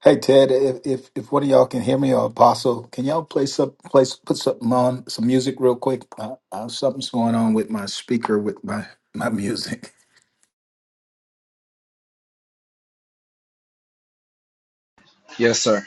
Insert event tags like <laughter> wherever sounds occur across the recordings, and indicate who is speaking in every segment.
Speaker 1: Hey Ted, if, if if one of y'all can hear me or Apostle, can y'all play some place put something on some music real quick? Uh, uh, something's going on with my speaker with my my music.
Speaker 2: Yes, sir.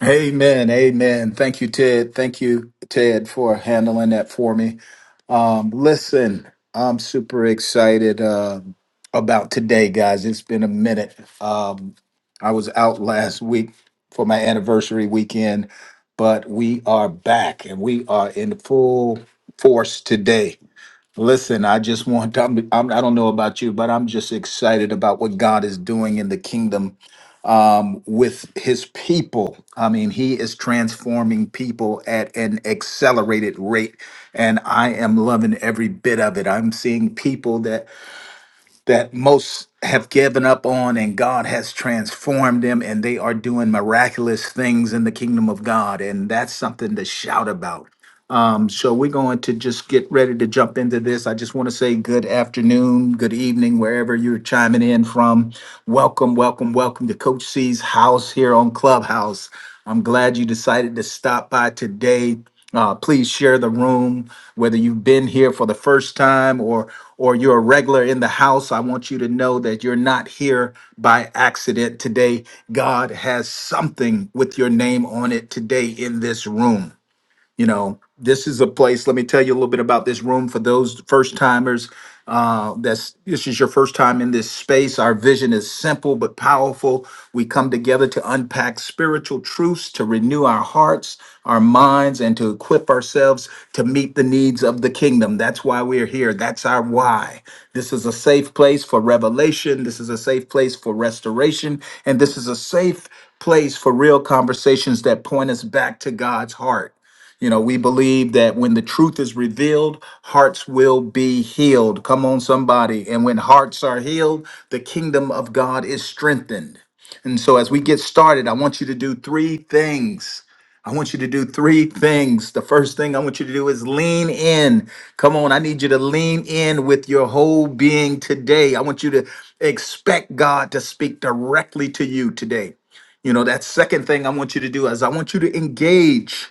Speaker 1: Amen. Amen. Thank you, Ted. Thank you, Ted, for handling that for me. Um, listen, I'm super excited uh, about today, guys. It's been a minute. Um, I was out last week for my anniversary weekend, but we are back and we are in full force today. Listen, I just want, I'm, I'm, I don't know about you, but I'm just excited about what God is doing in the kingdom with his people. I mean, he is transforming people at an accelerated rate and I am loving every bit of it. I'm seeing people that that most have given up on and God has transformed them and they are doing miraculous things in the kingdom of God and that's something to shout about. Um, so we're going to just get ready to jump into this. I just want to say good afternoon, good evening, wherever you're chiming in from. Welcome, welcome, welcome to Coach C's house here on Clubhouse. I'm glad you decided to stop by today. Uh, please share the room, whether you've been here for the first time or or you're a regular in the house. I want you to know that you're not here by accident today. God has something with your name on it today in this room you know this is a place let me tell you a little bit about this room for those first timers uh that's this is your first time in this space our vision is simple but powerful we come together to unpack spiritual truths to renew our hearts our minds and to equip ourselves to meet the needs of the kingdom that's why we're here that's our why this is a safe place for revelation this is a safe place for restoration and this is a safe place for real conversations that point us back to God's heart. You know, we believe that when the truth is revealed, hearts will be healed. Come on, somebody. And when hearts are healed, the kingdom of God is strengthened. And so, as we get started, I want you to do three things. I want you to do three things. The first thing I want you to do is lean in. Come on, I need you to lean in with your whole being today. I want you to expect God to speak directly to you today. You know, that second thing I want you to do is I want you to engage.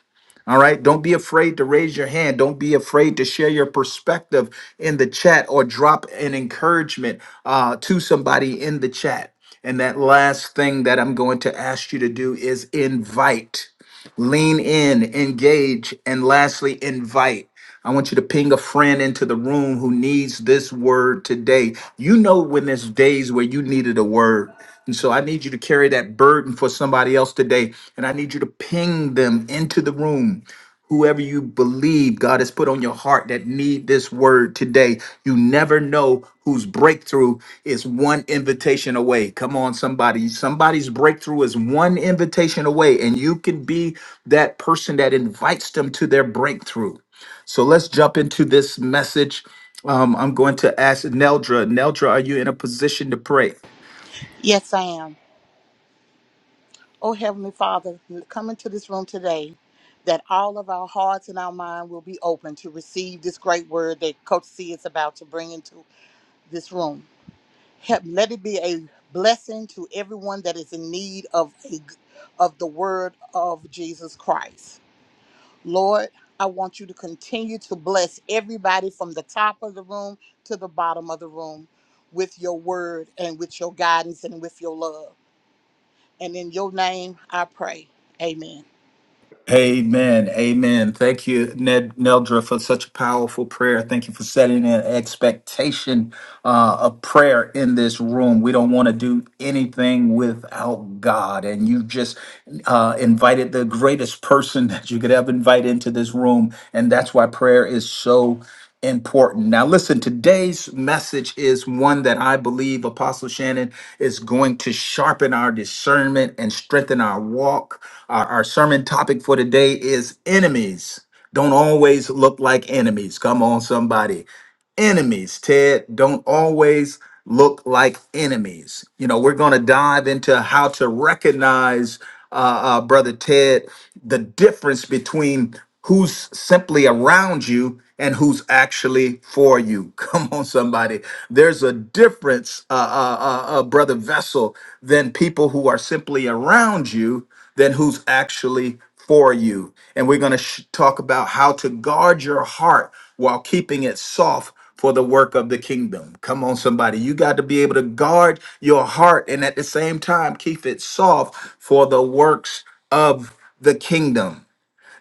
Speaker 1: All right. Don't be afraid to raise your hand. Don't be afraid to share your perspective in the chat or drop an encouragement uh, to somebody in the chat. And that last thing that I'm going to ask you to do is invite, lean in, engage, and lastly, invite. I want you to ping a friend into the room who needs this word today. You know when there's days where you needed a word. And so I need you to carry that burden for somebody else today. And I need you to ping them into the room. Whoever you believe God has put on your heart that need this word today, you never know whose breakthrough is one invitation away. Come on, somebody. Somebody's breakthrough is one invitation away, and you can be that person that invites them to their breakthrough. So let's jump into this message. Um, I'm going to ask Neldra. Neldra, are you in a position to pray?
Speaker 3: Yes, I am. Oh, Heavenly Father, come into this room today that all of our hearts and our mind will be open to receive this great word that Coach C is about to bring into this room. Help, let it be a blessing to everyone that is in need of, a, of the word of Jesus Christ. Lord, I want you to continue to bless everybody from the top of the room to the bottom of the room with your word and with your guidance and with your love. And in your name I pray. Amen.
Speaker 1: Amen. Amen. Thank you, Ned Neldra, for such a powerful prayer. Thank you for setting an expectation uh, of prayer in this room. We don't want to do anything without God. And you just uh, invited the greatest person <laughs> that you could ever invite into this room. And that's why prayer is so important. Now, listen, today's message is one that I believe Apostle Shannon is going to sharpen our discernment and strengthen our walk. Our, our sermon topic for today is enemies. Don't always look like enemies. Come on, somebody enemies, Ted, don't always look like enemies. You know, we're going to dive into how to recognize, uh, uh, Brother Ted, the difference between who's simply around you and who's actually for you. <laughs> Come on, somebody. There's a difference, uh, uh, uh, uh, Brother Vessel, than people who are simply around you than who's actually for you. And we're going to sh- talk about how to guard your heart while keeping it soft for the work of the kingdom. Come on, somebody. You got to be able to guard your heart and at the same time keep it soft for the works of the kingdom.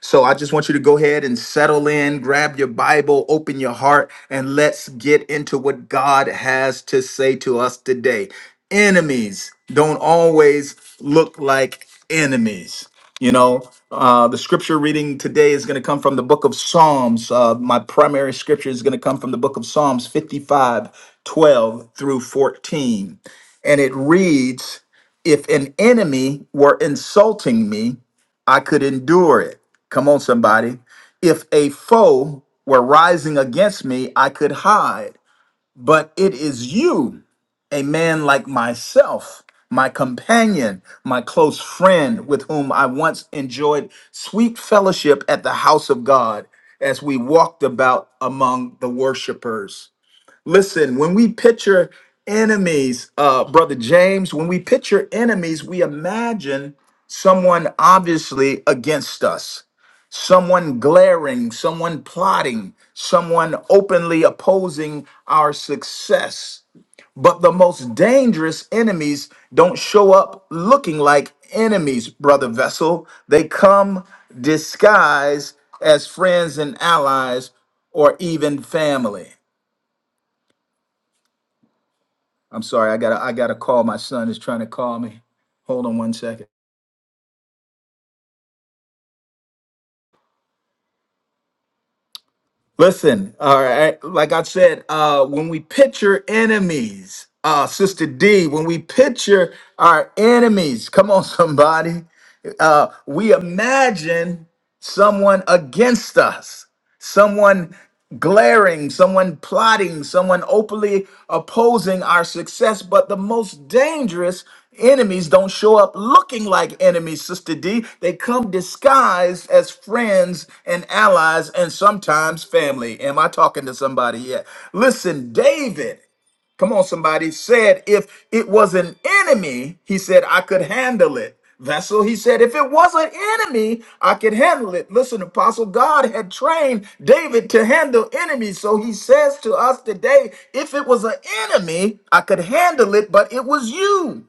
Speaker 1: So I just want you to go ahead and settle in, grab your Bible, open your heart, and let's get into what God has to say to us today. Enemies don't always look like enemies. You know, uh, the scripture reading today is going to come from the book of Psalms. Uh, my primary scripture is going to come from the book of Psalms 55, 12 through 14. And it reads, If an enemy were insulting me, I could endure it. Come on, somebody. If a foe were rising against me, I could hide. But it is you, a man like myself, my companion, my close friend, with whom I once enjoyed sweet fellowship at the house of God as we walked about among the worshipers. Listen, when we picture enemies, uh, Brother James, when we picture enemies, we imagine someone obviously against us someone glaring, someone plotting, someone openly opposing our success. But the most dangerous enemies don't show up looking like enemies, brother Vessel. They come disguised as friends and allies or even family. I'm sorry, I gotta I gotta call. My son is trying to call me. Hold on one second. Listen, all right. Like I said, uh, when we picture enemies, uh, Sister D, when we picture our enemies, come on, <laughs> somebody, uh, we imagine someone against us someone glaring, someone plotting, someone openly opposing our success. But the most dangerous enemies don't show up looking like enemies, Sister D. They come disguised as friends and allies and sometimes family. Am I talking to somebody yet? Listen, David. Come on, somebody said if it was an enemy, he said, I could handle it. Vessel, he said, if it was an enemy, I could handle it. Listen, Apostle, God had trained David to handle enemies. So he says to us today, if it was an enemy, I could handle it, but it was you.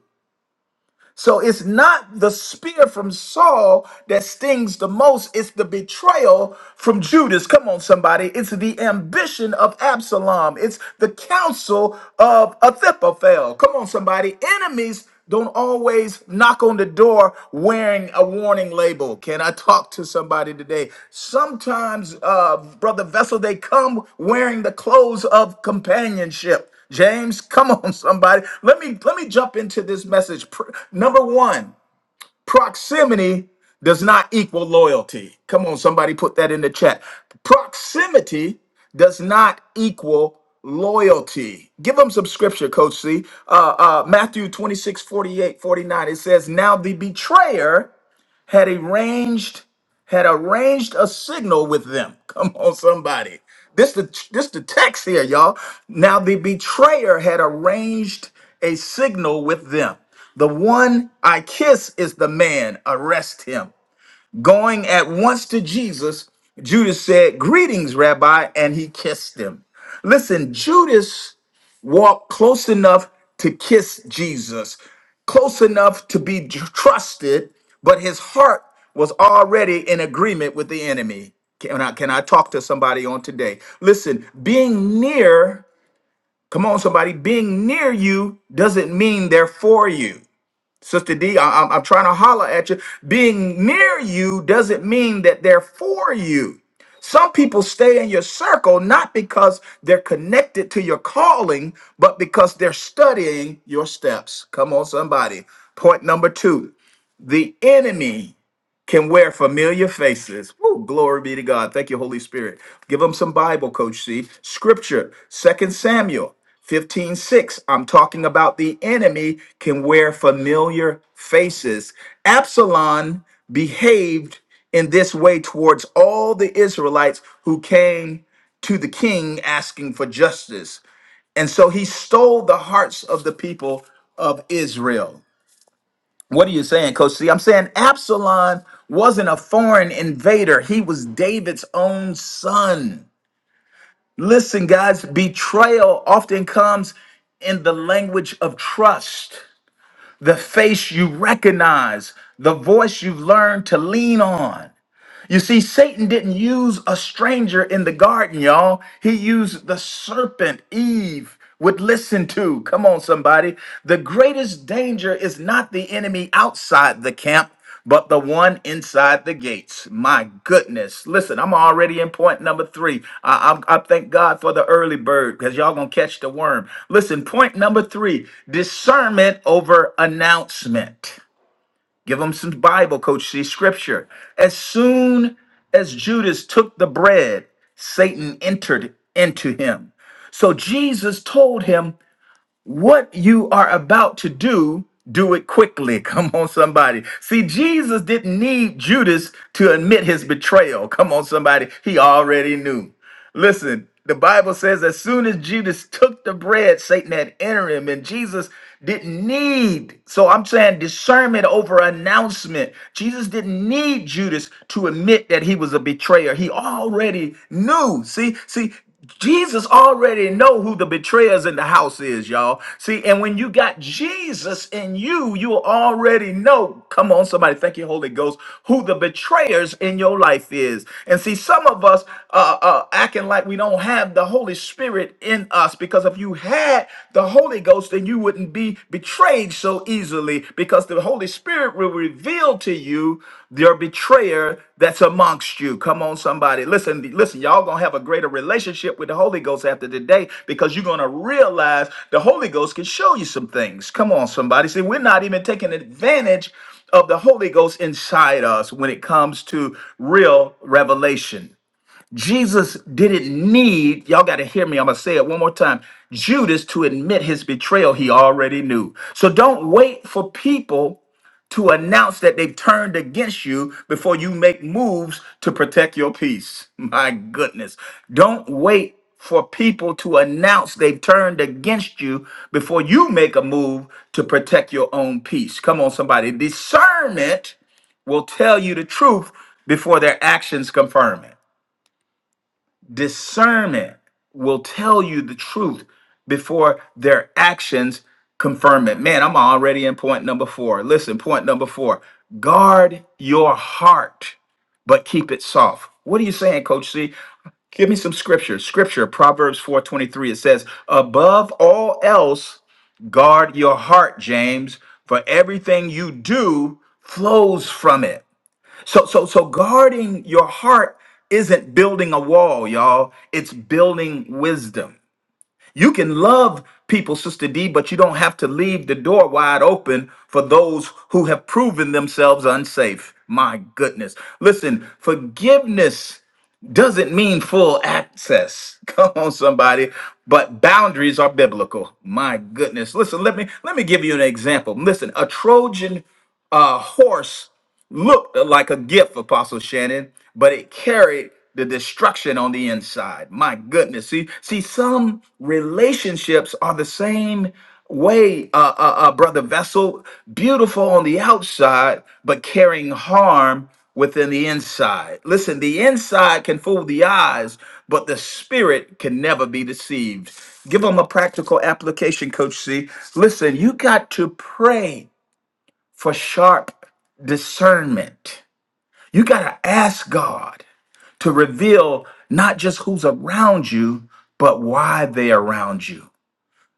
Speaker 1: So it's not the spear from Saul that stings the most, it's the betrayal from Judas. Come on, somebody. It's the ambition of Absalom, it's the counsel of Ahithophel. Come on, somebody. Enemies don't always knock on the door wearing a warning label. Can I talk to somebody today? Sometimes, uh, Brother Vessel, they come wearing the clothes of companionship. James, <laughs> come on, somebody. Let me let me jump into this message. Pr- Number one, proximity does not equal loyalty. Come on, somebody, put that in the chat. Proximity does not equal loyalty. Give them some scripture, Coach C. Uh, uh, Matthew 26 48 49. It says, Now the betrayer had arranged had arranged a signal with them. <laughs> Come on, somebody. This the this the text here, y'all. Now the betrayer had arranged a signal with them. The one I kiss is the man. Arrest him. Going at once to Jesus, Judas said, "Greetings, Rabbi," and he kissed him. Listen, Judas walk close enough to kiss Jesus, close enough to be tr- trusted, but his heart was already in agreement with the enemy. Can I, can I talk to somebody on today? Listen, being near, come on, somebody, being near you doesn't mean they're for you. Sister D, I, I'm, I'm trying to holler at you. Being near you doesn't mean that they're for you. Some people stay in your circle not because they're connected to your calling, but because they're studying your steps. Come on, somebody. Point number two the enemy can wear familiar faces. Woo, glory be to God. Thank you, Holy Spirit. Give them some Bible, Coach C. Scripture, Second Samuel fifteen six. I'm talking about the enemy can wear familiar faces. Absalom behaved in this way towards all the Israelites who came to the king asking for justice. And so he stole the hearts of the people of Israel. What are you saying, Coach C? I'm saying Absalom wasn't a foreign invader, he was David's own son. Listen, guys, betrayal often comes in the language of trust, the face you recognize, the voice you've learned to lean on. You see, Satan didn't use a stranger in the garden, y'all. He used the serpent Eve would listen to. Come on, somebody. The greatest danger is not the enemy outside the camp, but the one inside the gates. My goodness. Listen, I'm already in point number three. I, I, I thank God for the early bird because y'all gonna catch the worm. Listen, point number three discernment over announcement. Give them some Bible, Coach C, scripture. As soon as Judas took the bread, Satan entered into him. So Jesus told him, what you are about to do, do it quickly. <laughs> Come on, somebody. See, Jesus didn't need Judas to admit his betrayal. Come on, somebody. He already knew. Listen, the Bible says as soon as Judas took the bread, Satan had entered him, and Jesus didn't need. So I'm saying discernment over announcement. Jesus didn't need Judas to admit that he was a betrayer. He already knew. See, see, Jesus already know who the betrayers in the house is, y'all. See, and when you got Jesus in you, you already know. Come on, somebody, thank you, Holy Ghost, who the betrayers in your life is. And see, some of us uh, uh, acting like we don't have the Holy Spirit in us because if you had the Holy Ghost, then you wouldn't be betrayed so easily easily because the Holy Spirit will reveal to you your betrayer that's amongst you. Come on, somebody. Listen, listen, y'all gonna have a greater relationship with the Holy Ghost after today because you're gonna realize the Holy Ghost can show you some things. Come on, somebody. See, we're not even taking advantage of the Holy Ghost inside us when it comes to real revelation. Jesus didn't need, y'all got to hear me. I'm going to say it one more time. Judas to admit his betrayal, he already knew. So don't wait for people to announce that they've turned against you before you make moves to protect your peace. <laughs> My goodness. Don't wait for people to announce they've turned against you before you make a move to protect your own peace. Come on, somebody. Discernment will tell you the truth before their actions confirm it discernment will tell you the truth before their actions confirm it. Man, I'm already in point number four. Listen, point number four guard your heart, but keep it soft. What are you saying, Coach C? Give me some scripture. Scripture, Proverbs 4:23. It says, Above all else, guard your heart, James, for everything you do flows from it. So so so guarding your heart isn't building a wall, y'all. It's building wisdom. You can love people, Sister D, but you don't have to leave the door wide open for those who have proven themselves unsafe. My goodness. Listen, forgiveness doesn't mean full access. <laughs> Come on, somebody. But boundaries are biblical. My goodness. Listen, let me let me give you an example. Listen, a Trojan a horse looked like a gift, Apostle Shannon, but it carried the destruction on the inside. My goodness. See, see, some relationships are the same way, uh, uh, uh, Brother Vessel, beautiful on the outside, but carrying harm within the inside. Listen, the inside can fool the eyes, but the spirit can never be deceived. Give them a practical application, Coach C. Listen, you got to pray for sharp discernment. You got to ask God to reveal not just who's around you, but why they around you.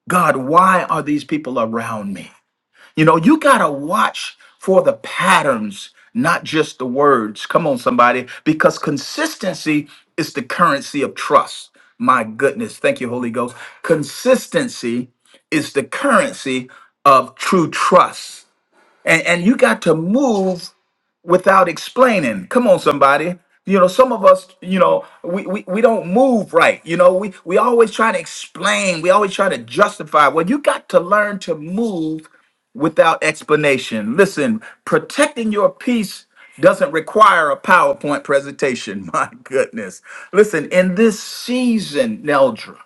Speaker 1: God, why are these people around me? You know, you got to watch for the patterns, not just the words. Come on, somebody, because consistency is the currency of trust. My goodness. Thank you, Holy Ghost. Consistency is the currency of true trust. And, and you got to move without explaining. Come on, somebody. You know, some of us, you know, we, we, we don't move right. You know, we, we always try to explain. We always try to justify. Well, you got to learn to move without explanation. Listen, protecting your peace doesn't require a PowerPoint presentation. <laughs> My goodness. Listen, in this season, Neldra.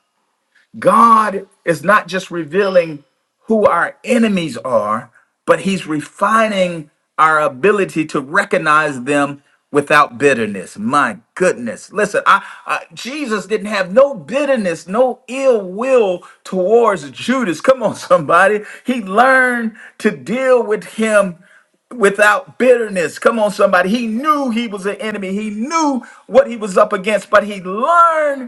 Speaker 1: God is not just revealing who our enemies are, but He's refining our ability to recognize them without bitterness. My goodness. Listen, I, I- Jesus didn't have no bitterness, no ill will towards Judas. Come on, <laughs> somebody. He learned to deal with him without bitterness. Come on, somebody. He knew he was an enemy. He knew what he was up against, but he learned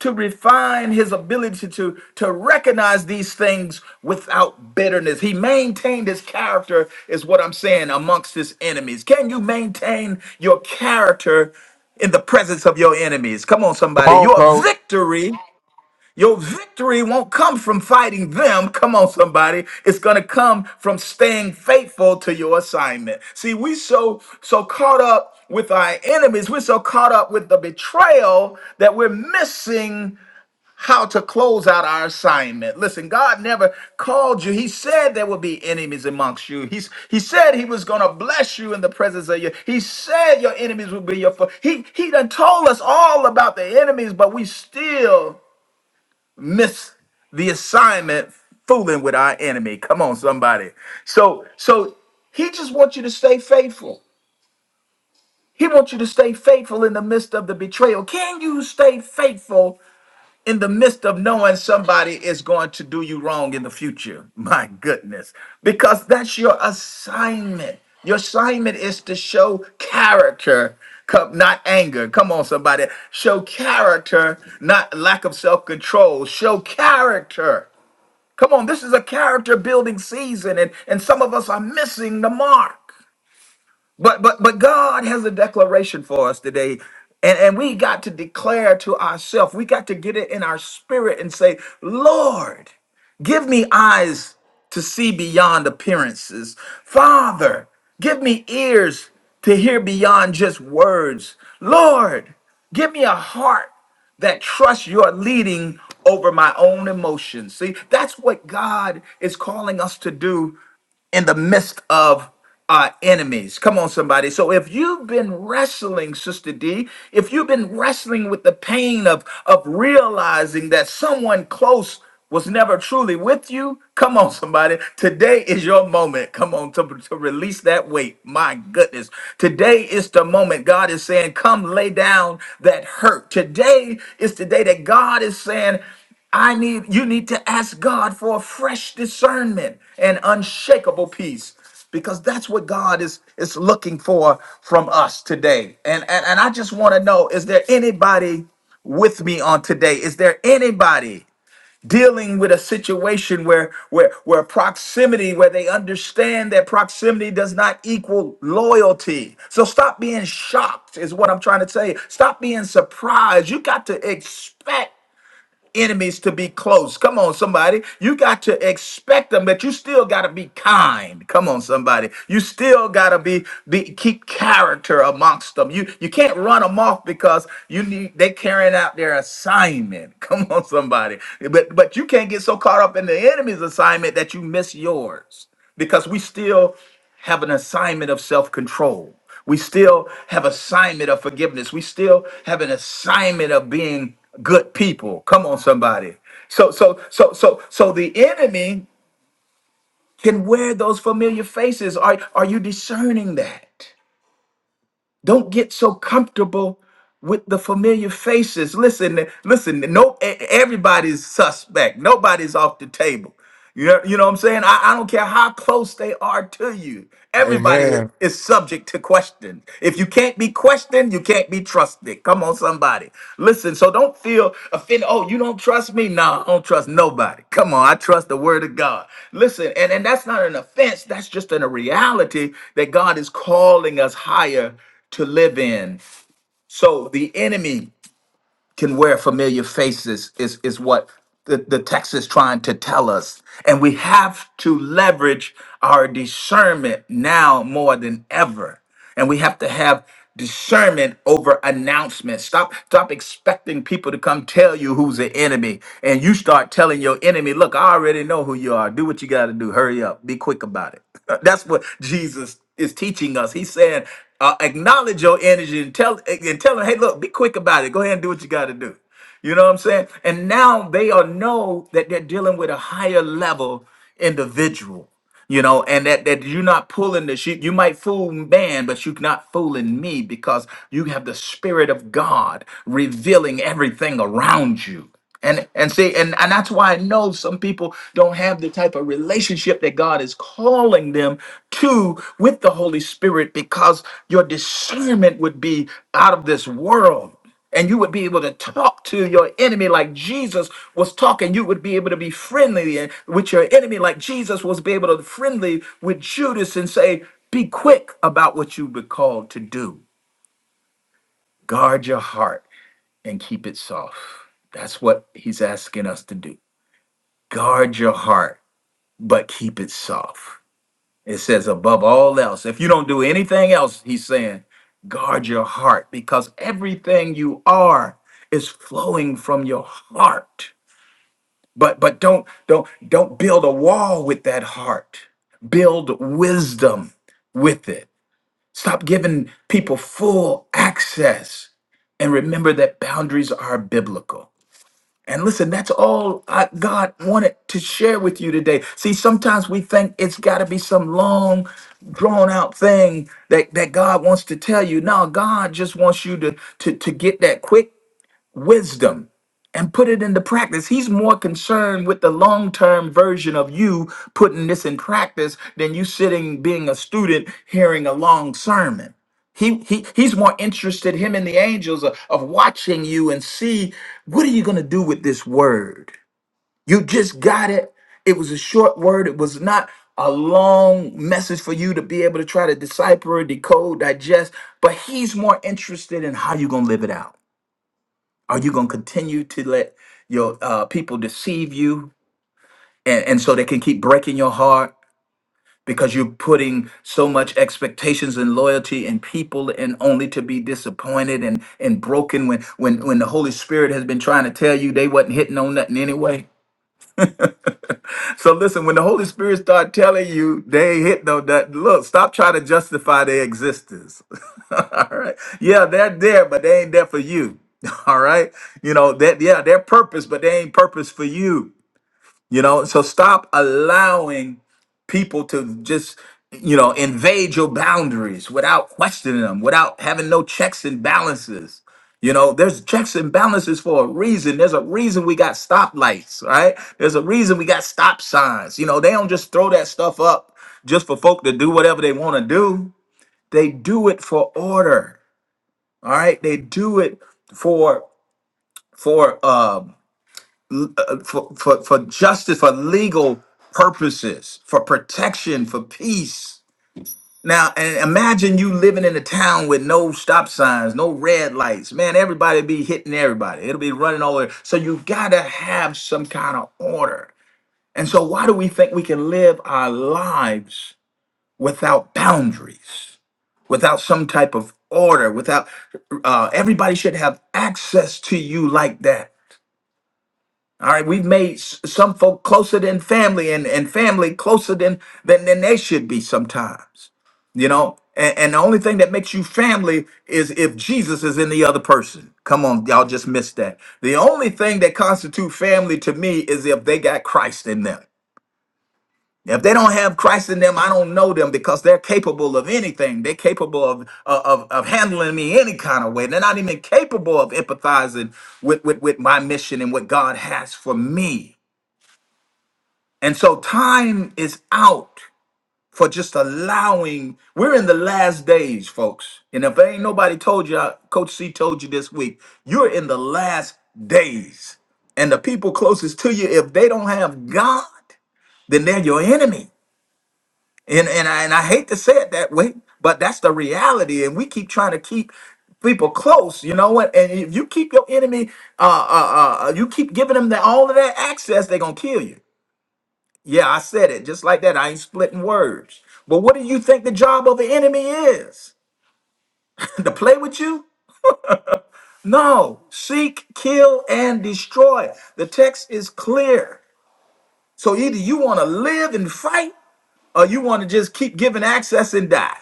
Speaker 1: to refine his ability to, to recognize these things without bitterness. He maintained his character, is what I'm saying, amongst his enemies. Can you maintain your character in the presence of your enemies? Come on,
Speaker 4: Come
Speaker 1: somebody.
Speaker 4: on,
Speaker 1: Your
Speaker 4: coach.
Speaker 1: victory. Your victory won't come from fighting them. Come on, somebody. It's gonna come from staying faithful to your assignment. See, we so so caught up with our enemies. We're so caught up with the betrayal that we're missing how to close out our assignment. Listen, God never called you. He said there would be enemies amongst you. He's, he said he was going to bless you in the presence of you. He said your enemies would be your foe. He, he done told us all about the enemies, but we still miss the assignment fooling with our enemy. Come on, somebody. So, so he just wants you to stay faithful. He wants you to stay faithful in the midst of the betrayal. Can you stay faithful in the midst of knowing somebody is going to do you wrong in the future. <laughs> My goodness. Because that's your assignment. Your assignment is to show character, co- not anger. Come on, somebody. Show character, not lack of self control. Show character. Come on, this is a character building season, and, and some of us are missing the mark. But but but God has a declaration for us today. And, and we got to declare to ourselves, we got to get it in our spirit and say, Lord, give me eyes to see beyond appearances. Father, give me ears to hear beyond just words. Lord, give me a heart that trusts your leading over my own emotions. See, that's what God is calling us to do in the midst of our enemies. Come on, somebody. So if you've been wrestling, Sister D, if you've been wrestling with the pain of, of realizing that someone close was never truly with you, come on, <laughs> somebody. Today is your moment. Come on, to, to release that weight. My goodness. Today is the moment God is saying, Come lay down that hurt. Today is the day that God is saying, I need you need to ask God for a fresh discernment and unshakable peace because that's what God is is looking for from us today. And and, and I just want to know is there anybody with me on today? Is there anybody dealing with a situation where where where proximity where they understand that proximity does not equal loyalty so stop being shocked is what i'm trying to say stop being surprised you got to expect enemies to be close. Come on, somebody. You got to expect them, but you still got to be kind. Come on, somebody. You still got to be, be keep character amongst them. You you can't run them off because you need they carrying out their assignment. <laughs> Come on, somebody. But but you can't get so caught up in the enemy's assignment that you miss yours because we still have an assignment of self control. We still have assignment of forgiveness. We still have an assignment of being good people. Come on, somebody. So, so, so, so, so the enemy can wear those familiar faces. Are, are you discerning that? Don't get so comfortable with the familiar faces. Listen, listen, no e- e, everybody's suspect. Nobody's off the table. You know, you know what I'm saying? I, I don't care how close they are to you. Everybody
Speaker 4: Amen.
Speaker 1: is subject to question. If you can't be questioned, you can't be trusted. Come on, somebody. Listen, so don't feel offended. Oh, you don't trust me? No, I don't trust nobody. Come on, I trust the word of God. Listen, and, and that's not an offense. That's just in a reality that God is calling us higher to live in. So the enemy can wear familiar faces is is what the, the text is trying to tell us. And we have to leverage our discernment now more than ever. And we have to have discernment over announcements. Stop stop expecting people to come tell you who's the enemy. And you start telling your enemy, look, I already know who you are. Do what you gotta do. Hurry up. Be quick about it. <laughs> That's what Jesus is teaching us. He's saying, uh, acknowledge your energy and tell and tell them, hey, look, be quick about it. Go ahead and do what you got to do. You know what I'm saying? And now they all know that they're dealing with a higher level individual. You know, and that that you're not pulling the sheep. You might fool man, but you're not fooling me because you have the spirit of God revealing everything around you and and see and, and that's why i know some people don't have the type of relationship that god is calling them to with the holy spirit because your discernment would be out of this world and you would be able to talk to your enemy like jesus was talking you would be able to be friendly and- with your enemy like jesus was be able to be friendly with judas and say be quick about what you've been called to do guard your heart and keep it soft that's what he's asking us to do guard your heart, but keep it soft. It says, above all else, if you don't do anything else, he's saying, guard your heart because everything you are is flowing from your heart. But but don't don't don't build a wall with that heart. Build wisdom with it. Stop giving people full access and remember that boundaries are biblical. And listen, that's all I, God wanted to share with you today. See, sometimes we think it's got to be some long, drawn out thing that, that God wants to tell you. No, God just wants you to, to, to get that quick wisdom and put it into practice. He's more concerned with the long term version of you putting this in practice than you sitting being a student hearing a long sermon. He, he he's more interested him and the angels of, of watching you and see what are you going to do with this word you just got it it was a short word it was not a long message for you to be able to try to decipher decode digest but he's more interested in how you're going to live it out are you going to continue to let your uh, people deceive you and, and so they can keep breaking your heart because you're putting so much expectations and loyalty in people and only to be disappointed and, and broken when, when, when the Holy Spirit has been trying to tell you they wasn't hitting on nothing anyway? <laughs> So listen, when the Holy Spirit start telling you they ain't hit no that look, stop trying to justify their existence. <laughs> All right. Yeah, they're there, but they ain't there for you. <laughs> All right. You know, that yeah, they're purpose, but they ain't purpose for you. You know, so stop allowing people to just, you know, invade your boundaries without questioning them, without having no checks and balances. You know, there's checks and balances for a reason. There's a reason we got stoplights, right? There's a reason we got stop signs. You know, they don't just throw that stuff up just for folk to do whatever they want to do. They do it for order, all right? They do it for for um uh, for, for, for justice, for legal purposes, for protection, for peace. Now, and imagine you living in a town with no stop signs, no red lights. Man, everybody be hitting everybody. It'll be running all over. So you gotta have some kind of order. And so, why do we think we can live our lives without boundaries, without some type of order? Without uh, everybody should have access to you like that All right, we've made s- some folk closer than family and, and family closer than, than than they should be sometimes. You know, and, and the only thing that makes you family is if Jesus is in the other person. Come on, y'all just missed that. The only thing that constitutes family to me is if they got Christ in them. If they don't have Christ in them, I don't know them because they're capable of anything. They're capable of, of, of handling me any kind of way. They're not even capable of empathizing with, with, with my mission and what God has for me. And so time is out for just allowing. We're in the last days, folks. And if ain't nobody told you, I- Coach C told you this week, you're in the last days. And the people closest to you, if they don't have God, then they're your enemy. And and I, and I hate to say it that way, but that's the reality. And we keep trying to keep people close, you know what? And if you keep your enemy, uh, uh, uh, you keep giving them the, all of that access, they're gonna kill you. Yeah, I said it just like that. I ain't splitting words. But what do you think the job of the enemy is? <laughs> to play with you? No. Seek, kill, and destroy. The text is clear. So either you want to live and fight, or you want to just keep giving access and die.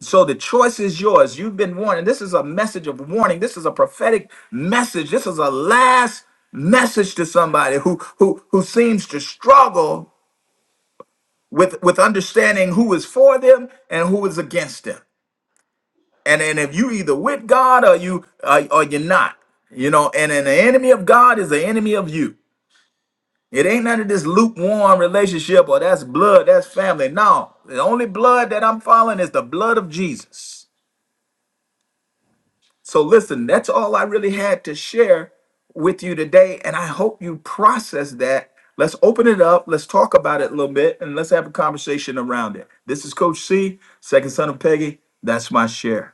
Speaker 1: So the choice is yours. You've been warned. And this is a message of warning. This is a prophetic message. This is a last message to somebody who who who seems to struggle with with understanding who is for them and who is against them. And and if you either with God or you uh, or you're not, you know. And and the enemy of God is the enemy of you. It ain't none of this lukewarm relationship or that's blood, that's family. No, the only blood that I'm following is the blood of Jesus. So, listen, that's all I really had to share with you today. And I hope you process that. Let's open it up. Let's talk about it a little bit and let's have a conversation around it. This is Coach C, second son of Peggy. That's my share.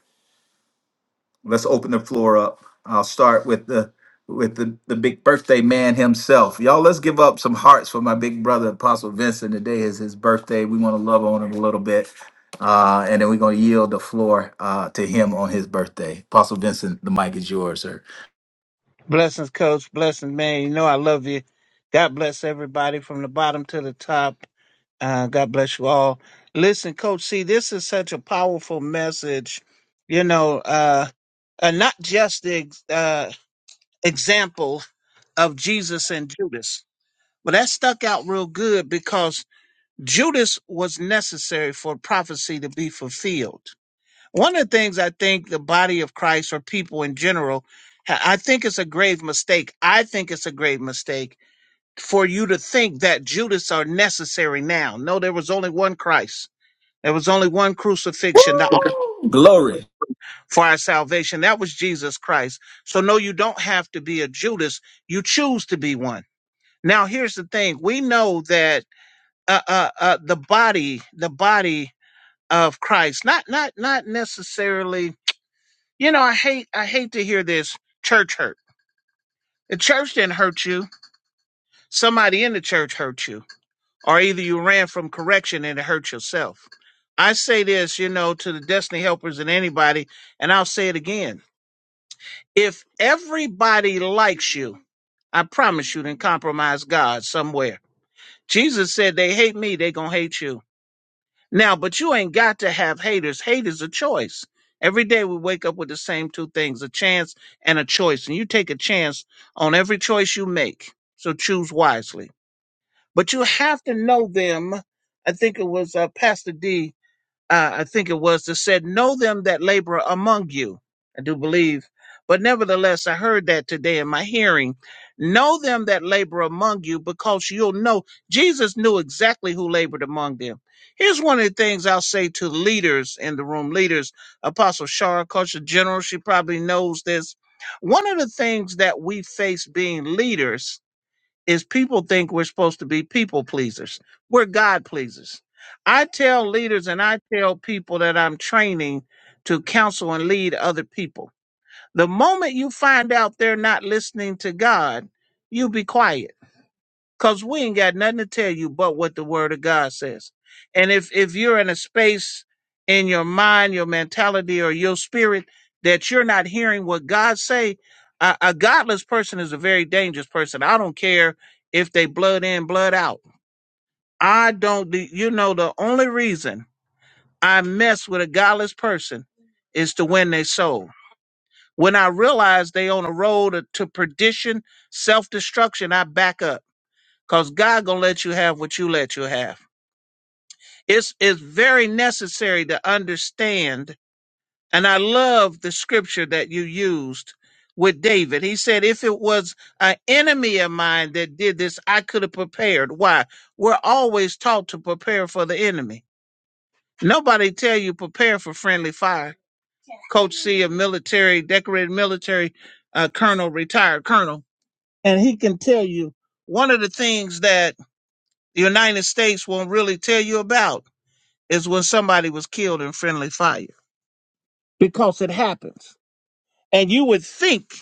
Speaker 1: Let's open the floor up. I'll start with the with the, the big birthday man himself. Y'all, let's give up some hearts for my big brother Apostle Vincent. Today is his birthday. We want to love on him a little bit. Uh, and then we're gonna yield the floor uh, to him on his birthday. Apostle Vincent, the mic is yours, sir.
Speaker 5: Blessings, coach. Blessings, man. You know I love you. God bless everybody from the bottom to the top. Uh, God bless you all. Listen, coach, see, this is such a powerful message, you know, uh, and not just the ex- uh, example of Jesus and Judas. But that stuck out real good because Judas was necessary for prophecy to be fulfilled. One of the things I think the body of Christ or people in general, ha- I think it's a grave mistake. I think it's a grave mistake for you to think that Judas are necessary now. No, there was only one Christ. There was only one crucifixion that
Speaker 1: Glory.
Speaker 5: for our salvation. That was Jesus Christ. So no, you don't have to be a Judas. You choose to be one. Now, here's the thing. We know that uh, uh, uh, the body, the body of Christ, not not not necessarily You know, I hate I hate to hear this church hurt. The church didn't hurt you. Somebody in the church hurt you. Or either you ran from correction and it hurt yourself. I say this, you know, to the destiny helpers and anybody, and I'll say it again. If everybody likes you, I promise you then compromise God somewhere. Jesus said they hate me, they gonna hate you. Now, but you ain't got to have haters. Hate is a choice. Every day we wake up with the same two things a chance and a choice. And you take a chance on every choice you make. So choose wisely. But you have to know them. I think it was uh, Pastor D uh, I think it was, that said, Know them that labor among you. I do believe. But nevertheless, I heard that today in my hearing. Know them that labor among you because you'll know. Jesus knew exactly who labored among them. Here's one of the things I'll say to leaders in the room leaders, Apostle Shara, Culture General, she probably knows this. One of the things that we face being leaders is people think we're supposed to be people pleasers. We're God pleasers. I tell leaders and I tell people that I'm training to counsel and lead other people. The moment you find out they're not listening to God, you be quiet Cause we ain't got nothing to tell you but what the word of God says. And if if you're in a space in your mind, your mentality, or your spirit that you're not hearing what God say, a, a godless person is a very dangerous person. I don't care if they blood in, blood out. I don't. do- You know, the only reason I mess with a godless person is to win their soul. When I realize they on a road to perdition, self destruction, I back up Cause God gonna let you have what you let you have. It's it's very necessary to understand, and I love the scripture that you used with David. He said, if it was an enemy of mine that did this, I could have prepared. Why? We're always taught to prepare for the enemy. Nobody tell you prepare for friendly fire. Coach C, a military, decorated military uh, colonel, retired colonel, and he can tell you one of the things that the United States won't really tell you about is when somebody was killed in friendly fire because it happens. And you would think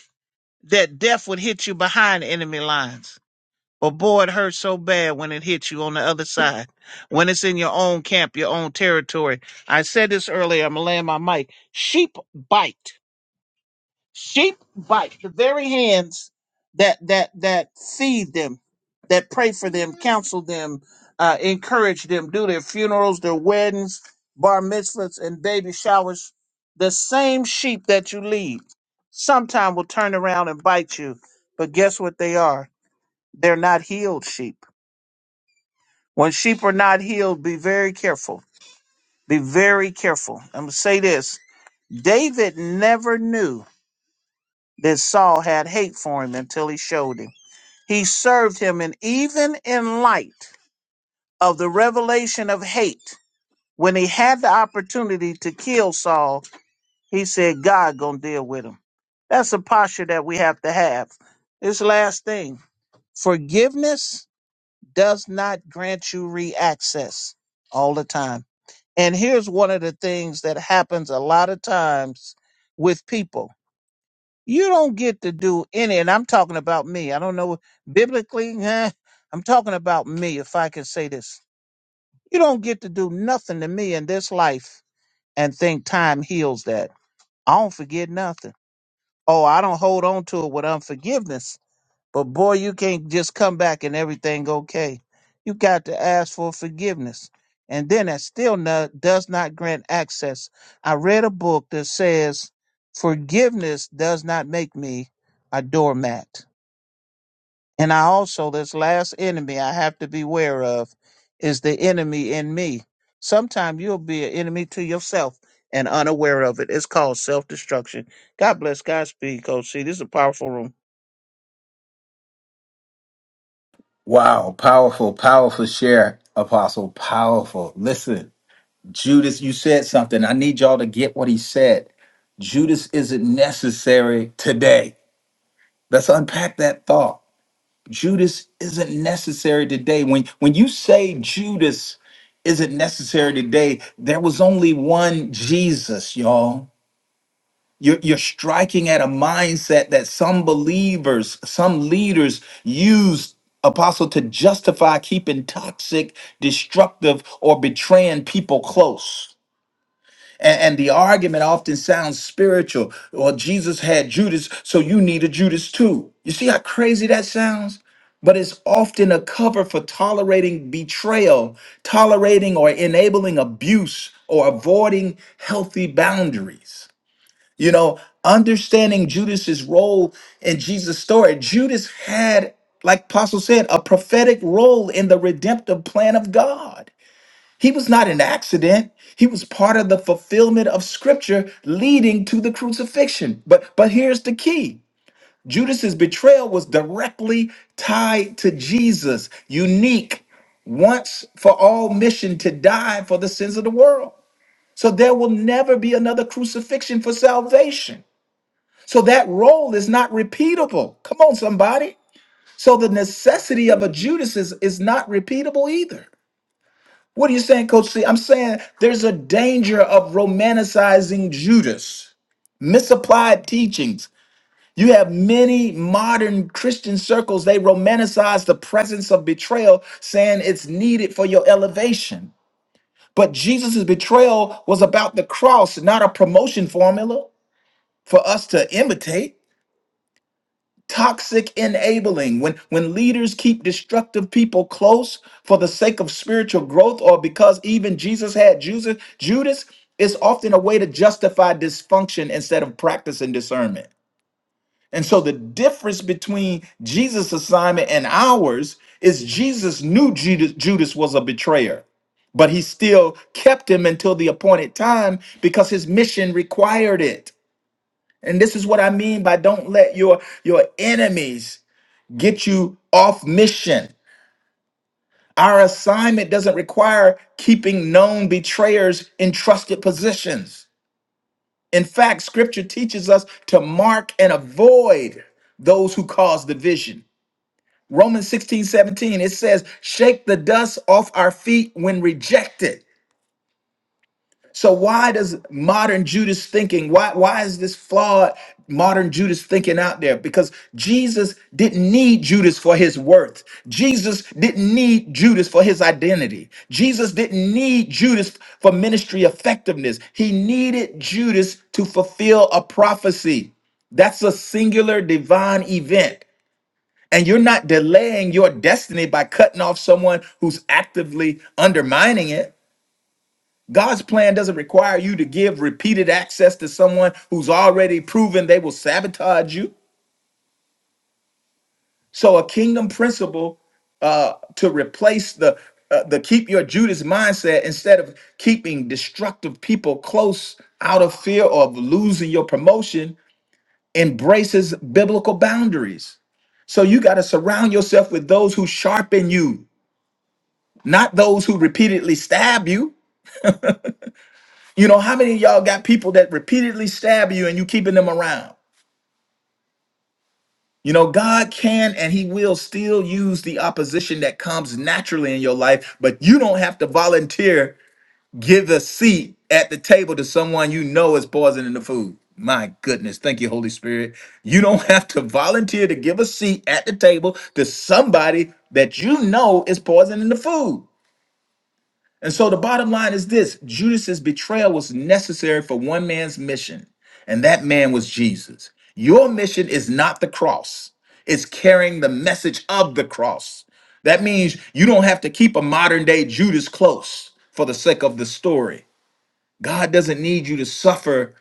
Speaker 5: that death would hit you behind enemy lines. But boy, it hurts so bad when it hits you on the other side, when it's in your own camp, your own territory. I said this earlier, I'm going to land my mic. Sheep bite. Sheep bite the very hands that that that feed them, that pray for them, counsel them, uh, encourage them, do their funerals, their weddings, bar mitzvahs, and baby showers. The same sheep that you lead sometime will turn around and bite you. But guess what they are? They're not healed sheep. When sheep are not healed, be very careful. Be very careful. I'm gonna say this. David never knew that Saul had hate for him until he showed him. He served him, and even in light of the revelation of hate, when he had the opportunity to kill Saul, he said, God gonna deal with him. That's a posture that we have to have. This last thing, forgiveness does not grant you reaccess all the time. And here's one of the things that happens a lot of times with people. You don't get to do any, and I'm talking about me. I don't know biblically. <laughs> eh, I'm talking about me, if I can say this. You don't get to do nothing to me in this life and think time heals that. I don't forget nothing. Oh, I don't hold on to it with unforgiveness. But boy, you can't just come back and everything okay. You got to ask for forgiveness. And then that still no, does not grant access. I read a book that says forgiveness does not make me a doormat. And I also, this last enemy I have to beware of is the enemy in me. Sometime you'll be an enemy to yourself and unaware of it. It's called self destruction. God bless. God speed, Coach C. This is a powerful room.
Speaker 1: Wow. Powerful, powerful share, Apostle. Powerful. Listen, Judas, you said something. I need y'all to get what he said. Judas isn't necessary today. Let's unpack that thought. Judas isn't necessary today. When when you say Judas isn't necessary today, there was only one Jesus, y'all. You're, you're striking at a mindset that some believers, some leaders use apostle to justify keeping toxic, destructive, or betraying people close. And, and the argument often sounds spiritual. Well, Jesus had Judas, so you need a Judas too. You see how crazy that sounds? But it's often a cover for tolerating betrayal, tolerating or enabling abuse, or avoiding healthy boundaries. You know, understanding Judas's role in Jesus' story, Judas had, like Apostle said, a prophetic role in the redemptive plan of God. He was not an accident. He was part of the fulfillment of scripture leading to the crucifixion. But but here's the key. Judas's betrayal was directly tied to Jesus, unique, once for all mission to die for the sins of the world. So there will never be another crucifixion for salvation. So that role is not repeatable. Come on, somebody. So the necessity of a Judas is, is not repeatable either. What are you saying, Coach C? I'm saying there's a danger of romanticizing Judas, misapplied teachings. You have many modern Christian circles, they romanticize the presence of betrayal, saying it's needed for your elevation. But Jesus' betrayal was about the cross, not a promotion formula for us to imitate. toxic enabling when when leaders keep destructive people close for the sake of spiritual growth or because even jesus had judas judas is often a way to justify dysfunction instead of practicing discernment and so the difference between jesus assignment and ours is jesus knew judas, judas was a betrayer but he still kept him until the appointed time because his mission required it and this is what i mean by don't let your your enemies get you off mission. Our assignment doesn't require keeping known betrayers in trusted positions. In fact, scripture teaches us to mark and avoid those who cause division. Romans 16:17 it says, Shake the dust off our feet when rejected So why does modern Judas thinking, why why is this flawed modern Judas thinking out there? Because Jesus didn't need Judas for his worth. Jesus didn't need Judas for his identity. Jesus didn't need Judas for ministry effectiveness. He needed Judas to fulfill a prophecy. That's a singular divine event. And you're not delaying your destiny by cutting off someone who's actively undermining it. God's plan doesn't require you to give repeated access to someone who's already proven they will sabotage you. So a kingdom principle uh, to replace the uh, the keep your Judas mindset instead of keeping destructive people close out of fear of losing your promotion embraces biblical boundaries. So you got to surround yourself with those who sharpen you, not those who repeatedly stab you. You know, how many of y'all got people that repeatedly stab you and you keeping them around? You know, God can and He will still use the opposition that comes naturally in your life, but you don't have to volunteer, give a seat at the table to someone you know is poisoning the food. My goodness. Thank you, Holy Spirit. You don't <laughs> have to volunteer to give a seat at the table to somebody that you know is poisoning the food. And so the bottom line is this Judas's betrayal was necessary for one man's mission, and that man was Jesus. Your mission is not the cross, it's carrying the message of the cross. That means you don't have to keep a modern day Judas close for the sake of the story. God doesn't need you to suffer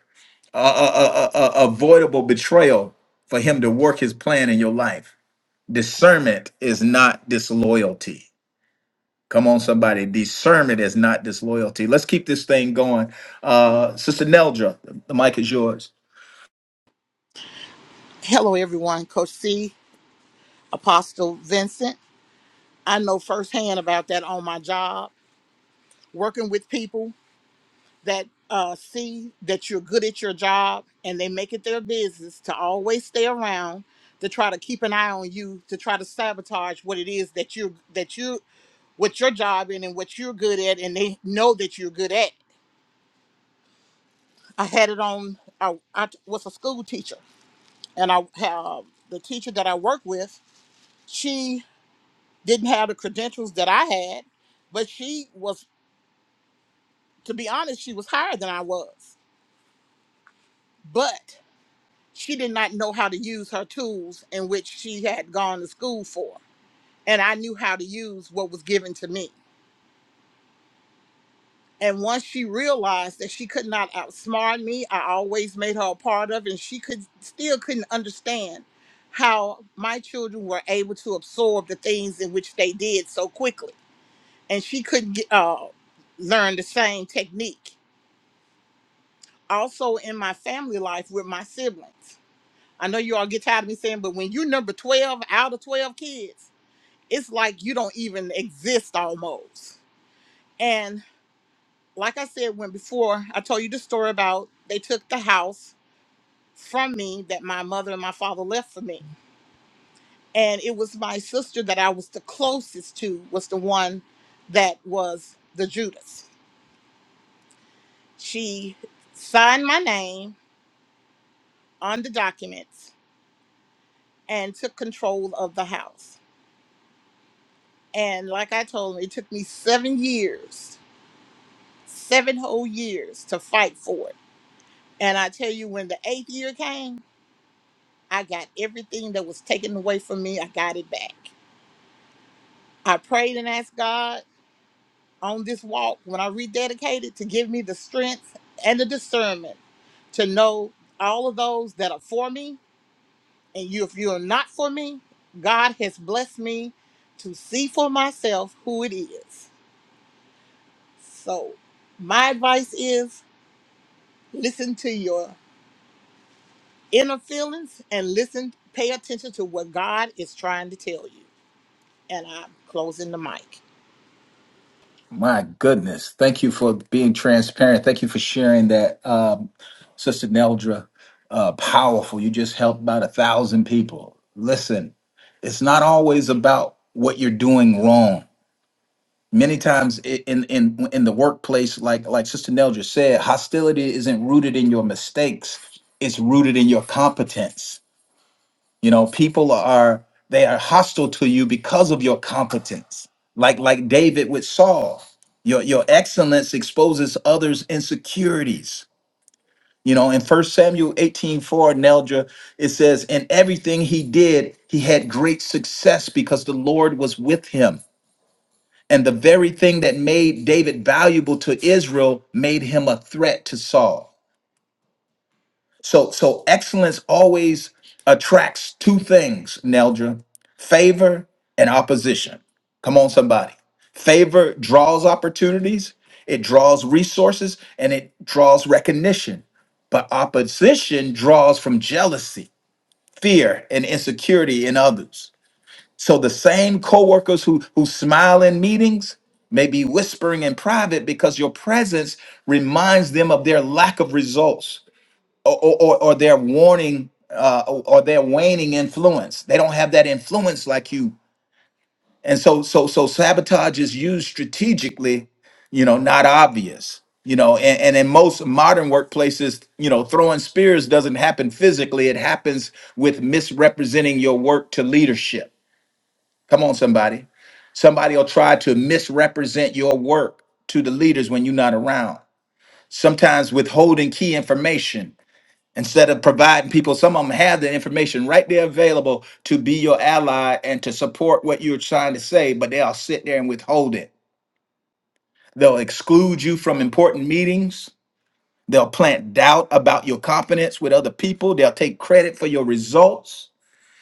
Speaker 1: a, a, a- a- a- avoidable betrayal for him to work his plan in your life. Discernment is not disloyalty. Come on, somebody. Discernment is not disloyalty. Let's keep this thing going. Uh, Sister Neldra, the mic is yours.
Speaker 3: Hello, everyone. Coach C, Apostle Vincent. I know firsthand about that on my job, working with people that uh, see that you're good at your job and they make it their business to always stay around to try to keep an eye on you to try to sabotage what it is that you that you what your job in and what you're good at and they know that you're good at i had it on i, I was a school teacher and i have the teacher that i work with She didn't have the credentials that I had, but she was, to be honest, she was higher than I was. But she did not know how to use her tools in which she had gone to school for. And I knew how to use what was given to me. And once she realized that she could not outsmart me, I always made her a part of it, and she could still couldn't understand how my children were able to absorb the things in which they did so quickly and she couldn't get, uh, learn the same technique. Also, in my family life with my siblings, I know you all get tired of me saying, but when you're number 12 out of 12 kids, it's like you don't even exist almost. And like I said, when before I told you the story about they took the house from me that my mother and my father left for me. And it was my sister that I was the closest to, was the one that was the Judas. She signed my name on the documents and took control of the house. And like I told him, it took me seven years, seven whole years to fight for it. And I tell you, when the eighth year came, I got everything that was taken away from me, I got it back. I prayed and asked God on this walk when I rededicated to give me the strength and the discernment to know all of those that are for me and you, if you're not for me, God has blessed me to see for myself who it is. So, my advice is listen to your inner feelings and listen, pay attention to what God is trying to tell you. And I'm closing the mic.
Speaker 1: My goodness. Thank you for being transparent. Thank you for sharing that, um, Sister Neldra. Uh, powerful. You just helped about a thousand people. Listen, it's not always about what you're doing wrong. Many times i- in in in the workplace, like like Sister Neldra said, hostility isn't rooted in your mistakes. It's rooted in your competence You know, people are they are hostile to you because of your competence. Like like David with Saul. Your your excellence exposes others' insecurities. You know, in First Samuel eighteen four, 4, Neldra, it says, In everything he did, he had great success because the Lord was with him. And the very thing that made David valuable to Israel made him a threat to Saul. So so excellence always attracts two things, Neldra. Favor and opposition. Come on, somebody. Favor draws opportunities, it draws resources, and it draws recognition. But opposition draws from jealousy, fear, and insecurity in others. So the same coworkers who who smile in meetings may be whispering in private because your presence reminds them of their lack of results or, or, or their warning uh, or, or their waning influence. They don't have that influence like you. And so, so, so sabotage is used strategically, you know, not obvious, you know, and, and in most modern workplaces, you know, throwing spears doesn't happen physically. It happens with misrepresenting your work to leadership. Come on, somebody. Somebody will try to misrepresent your work to the leaders when you're not around. Sometimes withholding key information instead of providing people some of them have the information right there available to be your ally and to support what you're trying to say but they'll sit there and withhold it they'll exclude you from important meetings they'll plant doubt about your competence with other people they'll take credit for your results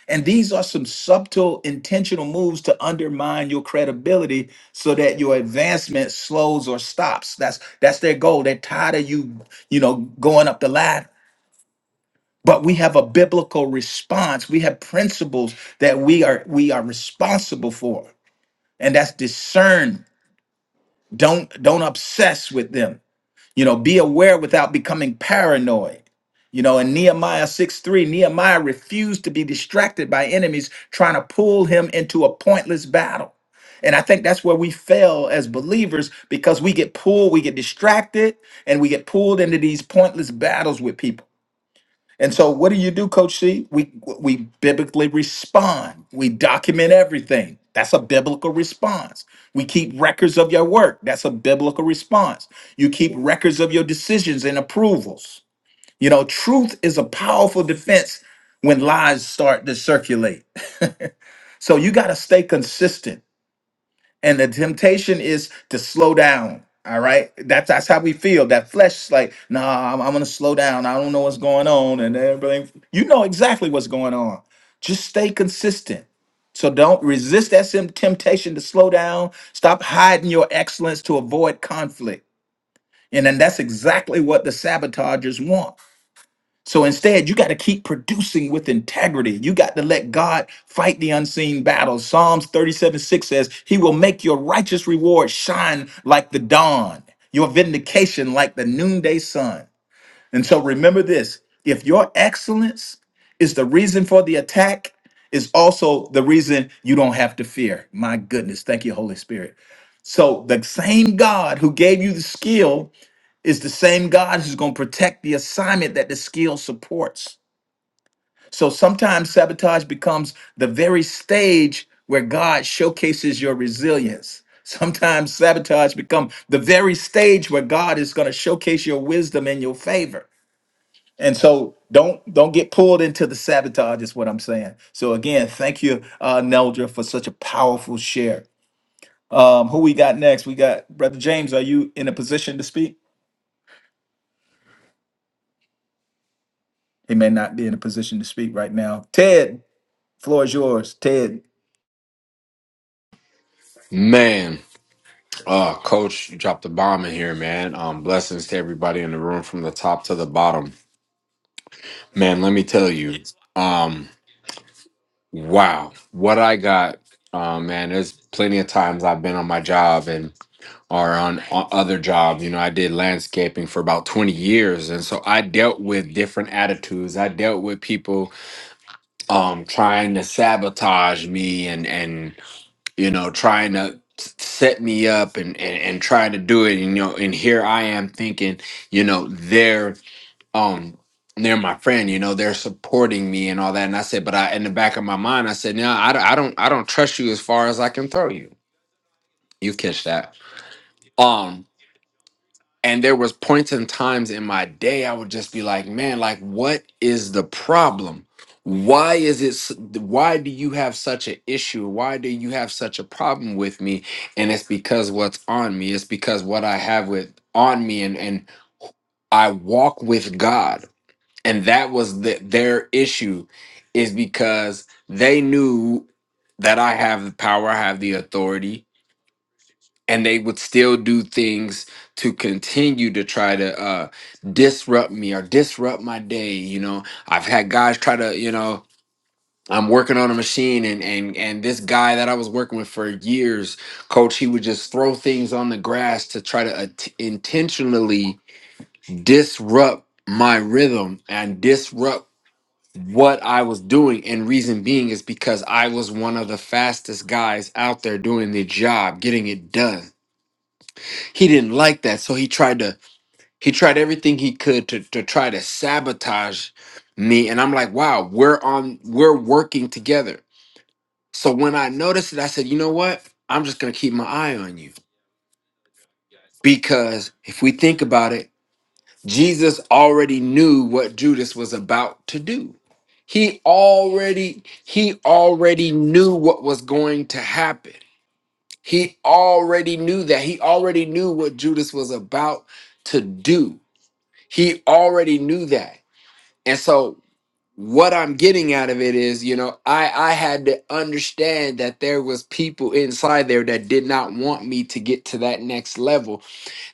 Speaker 1: and these are some subtle intentional moves to undermine your credibility so that your advancement slows or stops that's that's their goal they're tired of you you know going up the ladder but we have a biblical response we have principles that we are we are responsible for and that's discern don't don't obsess with them you know be aware without becoming paranoid you know in nehemiah 6 3 nehemiah refused to be distracted by enemies trying to pull him into a pointless battle and I think that's where we fail as believers because we get pulled, we get distracted, and we get pulled into these pointless battles with people. And so, what do you do, Coach C? We we biblically respond. We document everything. That's a biblical response. We keep records of your work. That's a biblical response. You keep records of your decisions and approvals. You know, truth is a powerful defense when lies start to circulate. <laughs> So you got to stay consistent and the temptation is to slow down. All right, that's that's how we feel. That flesh is like, nah, I'm, I'm gonna slow down. I don't know what's going on, and everything. You know exactly what's going on. Just stay consistent. So don't resist that sim- temptation to slow down. Stop hiding your excellence to avoid conflict. And then that's exactly what the sabotagers want. So instead, you got to keep producing with integrity. You got to let God fight the unseen battles. Psalms 37 6 says, He will make your righteous reward shine like the dawn, your vindication like the noonday sun. And so remember this if your excellence is the reason for the attack, is also the reason you don't have to fear. My goodness. Thank you, Holy Spirit. So, the same God who gave you the skill is the same God who's going to protect the assignment that the skill supports. So sometimes sabotage becomes the very stage where God showcases your resilience. Sometimes sabotage become the very stage where God is going to showcase your wisdom and your favor. And so don't don't get pulled into the sabotage is what I'm saying. So again, thank you, uh, Neldra, for such a powerful share. Um, who we got next? We got Brother James. Are you in a position to speak? He may not be in a position to speak right now. Ted, floor is yours. Ted,
Speaker 2: Man, uh, coach, you dropped the bomb in here, man. Um, blessings to everybody in the room from the top to the bottom. Man, let me tell you, um, wow, what I got, uh, man, there's plenty of times I've been on my job and or on, on other jobs. You know, I did landscaping for about 20 years, and so I dealt with different attitudes. I dealt with people um trying to sabotage me and and you know, trying to s- set me up and, and and trying to do it, you know, and here I am thinking, you know, they're um they're my friend, you know, they're supporting me and all that. And I said, but I in the back of my mind, I said, no, I, don't- I don't I don't trust you as far as I can throw you. You catch that. Um, and there was points and times in my day I would just be like, man, like what is the problem? Why is it s- why do you have such an issue? Why do you have such a problem with me? And it's because what's on me. It's because what I have with on me and and I walk with God. And that was the, their issue is because they knew that I have the power, I have the authority, and they would still do things to continue to try to uh disrupt me or disrupt my day you know i've had guys try to you know i'm working on a machine and and and this guy that i was working with for years coach he would just throw things on the grass to try to at- intentionally disrupt my rhythm and disrupt what I was doing, and reason being is because I was one of the fastest guys out there doing the job, getting it done he didn't like that so he tried to he tried everything he could to, to try to sabotage me and i'm like wow we're on we're working together so when i noticed it i said you know what i'm just going to keep my eye on you because if we think about it jesus already knew what judas was about to do he already he already knew what was going to happen he already knew that he already knew what judas was about to do He already knew that. And so what I'm getting out of it is, you know, I I had to understand that there was people inside there that did not want me to get to that next level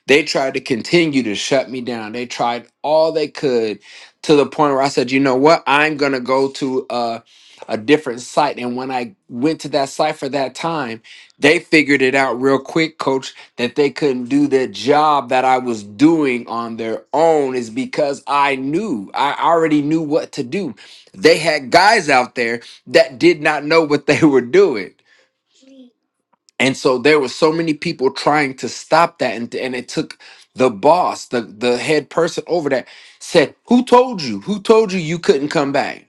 Speaker 2: they tried to continue to shut me down. They tried all they could to the point where I said, you know what? I'm going to go to a, a different site. And when I went to that site for that time, they figured it out real quick, coach, that they couldn't do the job that I was doing on their own is because I knew, I already knew what to do. They had guys out there that did not know what they <laughs> were doing and so there were so many people trying to stop that, and, and it took the boss, the, the head person over there, said, Who told you? Who told you you couldn't come back?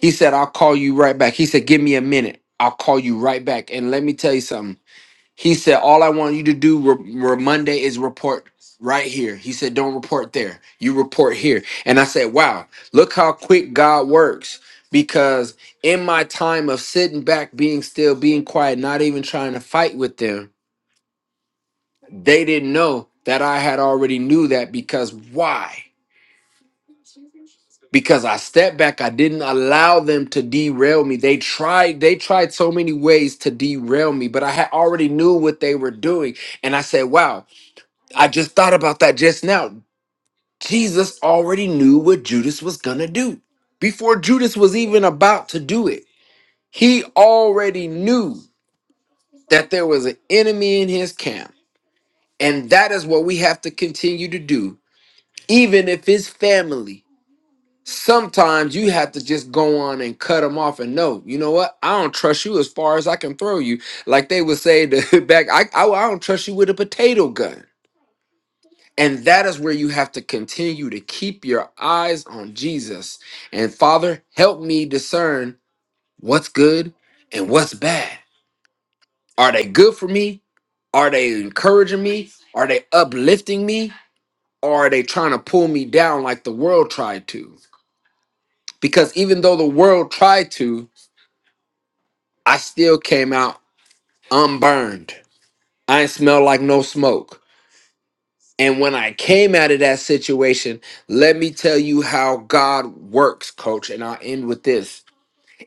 Speaker 2: He said, I'll call you right back. He said, Give me a minute. I'll call you right back. And let me tell you something. He said, All I want you to do re- re- Monday is report right here. He said, Don't report there. You report here. And I said, Wow, look how quick God works. Because in my time of sitting back, being still, being quiet, not even trying to fight with them, they didn't know that I had already knew that because why? Because I stepped back, I didn't allow them to derail me. They tried, they tried so many ways to derail me, but I had already knew what they were doing. And I said, wow, I just thought about that just now. Jesus already knew what Judas was going to do before Judas was even about to do it. He already knew that there was an enemy in his camp. And that is what we have to continue to do, even if it's family. Sometimes you have to just go on and cut them off and know, you know what? I don't trust you as far as I can throw you. Like they would say to <laughs> back, I, I, I don't trust you with a potato gun And that is where you have to continue to keep your eyes on Jesus. And Father, help me discern what's good and what's bad. Are they good for me? Are they encouraging me? Are they uplifting me? Or are they trying to pull me down like the world tried to? Because even though the world tried to, I still came out unburned. I ain't smell like no smoke. And when I came out of that situation, let me tell you how God works, coach. And I'll end with this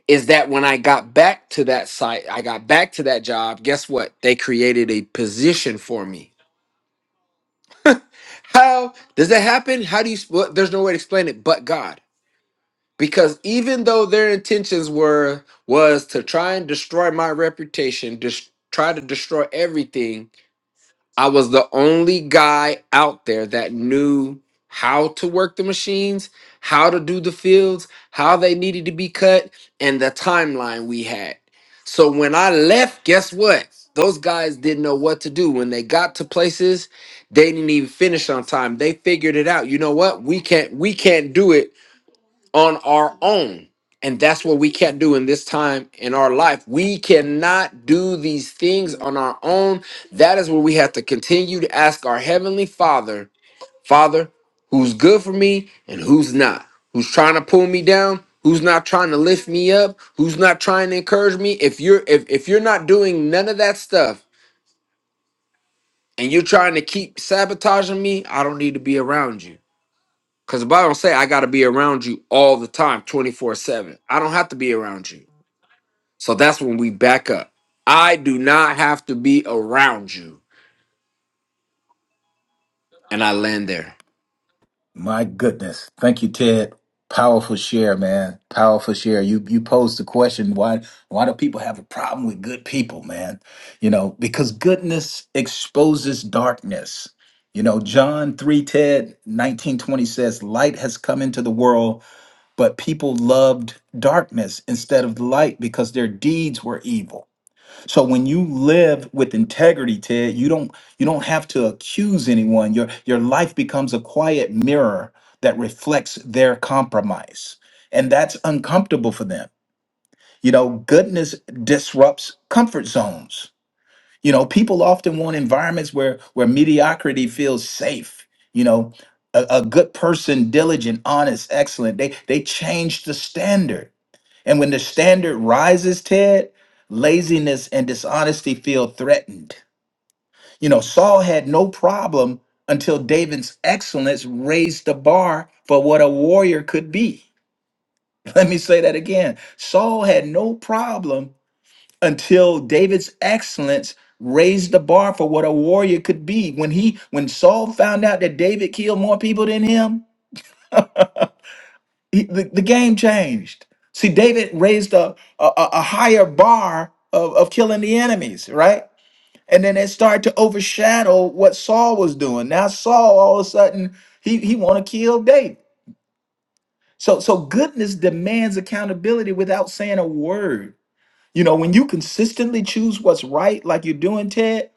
Speaker 2: is that when I got back to that site, I got back to that job. Guess what? They created a position for me. How does that happen? How do you, well, there's no way to explain it but God. Because even though their intentions were, was to try and destroy my reputation, just try to destroy everything, I was the only guy out there that knew how to work the machines, how to do the fields, how they needed to be cut, and the timeline we had. So when I left, guess what? Those guys didn't know what to do. When they got to places, they didn't even finish on time. They figured it out. You know what? We can't we can't do it on our own. And that's what we can't do in this time in our life. We cannot do these things on our own. That is where we have to continue to ask our Heavenly Father, Father, who's good for me and who's not, who's trying to pull me down. Who's not trying to lift me up? Who's not trying to encourage me? If you're if, if you're not doing none of that stuff and you're trying to keep sabotaging me, I don't need to be around you. Because the Bible say I got to be around you all the time, 24 7. I don't have to be around you. So that's when we back up. I do not have to be around you. And I land there.
Speaker 1: My goodness. Thank you, Ted. Powerful share, man. Powerful share. You you posed the question why why do people have a problem with good people, man? You know, because goodness exposes darkness. You know, John 3 Ted 1920 says, Light has come into the world, but people loved darkness instead of the light because their deeds were evil. So when you live with integrity, Ted, you don't you don't have to accuse anyone. Your your life becomes a quiet mirror that reflects their compromise. And that's uncomfortable for them. You know, goodness disrupts comfort zones. You know, people often want environments where where mediocrity feels safe. You know, a, a good person, diligent, honest, excellent. They they change the standard and when the standard rises, Ted, laziness and dishonesty feel threatened. You know, Saul had no problem until David's excellence raised the bar for what a warrior could be. <laughs> Let me say that again. Saul had no problem until David's excellence raised the bar for what a warrior could be. When he when Saul found out that David killed more people than him, He, the, the game changed. See, David raised a, a, a a higher bar of, of killing the enemies, right? And then it started to overshadow what Saul was doing. Now Saul, all of a sudden, he, he want to kill David. So, so goodness demands accountability without saying a word. You know, when you consistently choose what's right, like you're doing, Ted,